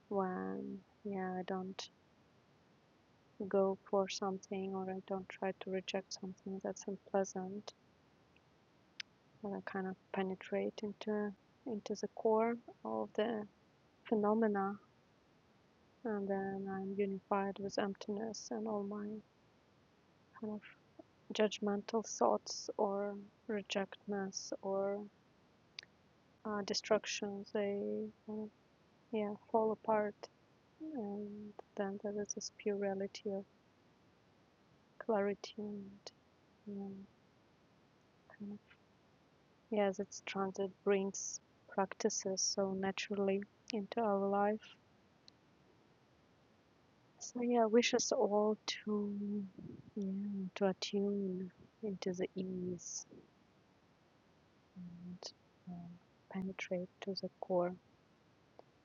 When, yeah, I don't go for something or I don't try to reject something that's unpleasant, but I kind of penetrate into into the core of the phenomena and then I'm unified with emptiness and all my kind of judgmental thoughts or rejectness or uh, destructions, they kind of yeah, fall apart and then there is this plurality of clarity and you know, kind of, yes, it's transit brings practices so naturally into our life. So yeah, wish us all to yeah, to attune into the ease and um, penetrate to the core,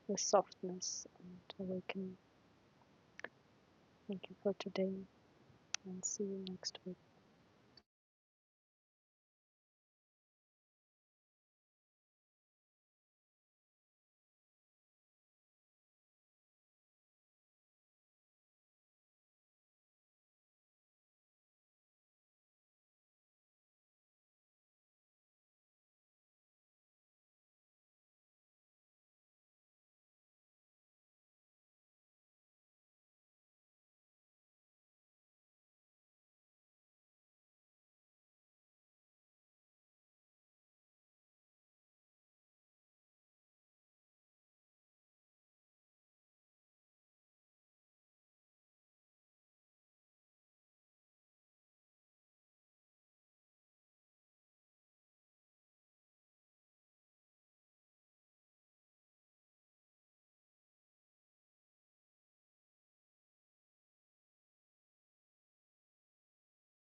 the softness and awakening. Thank you for today, and see you next week.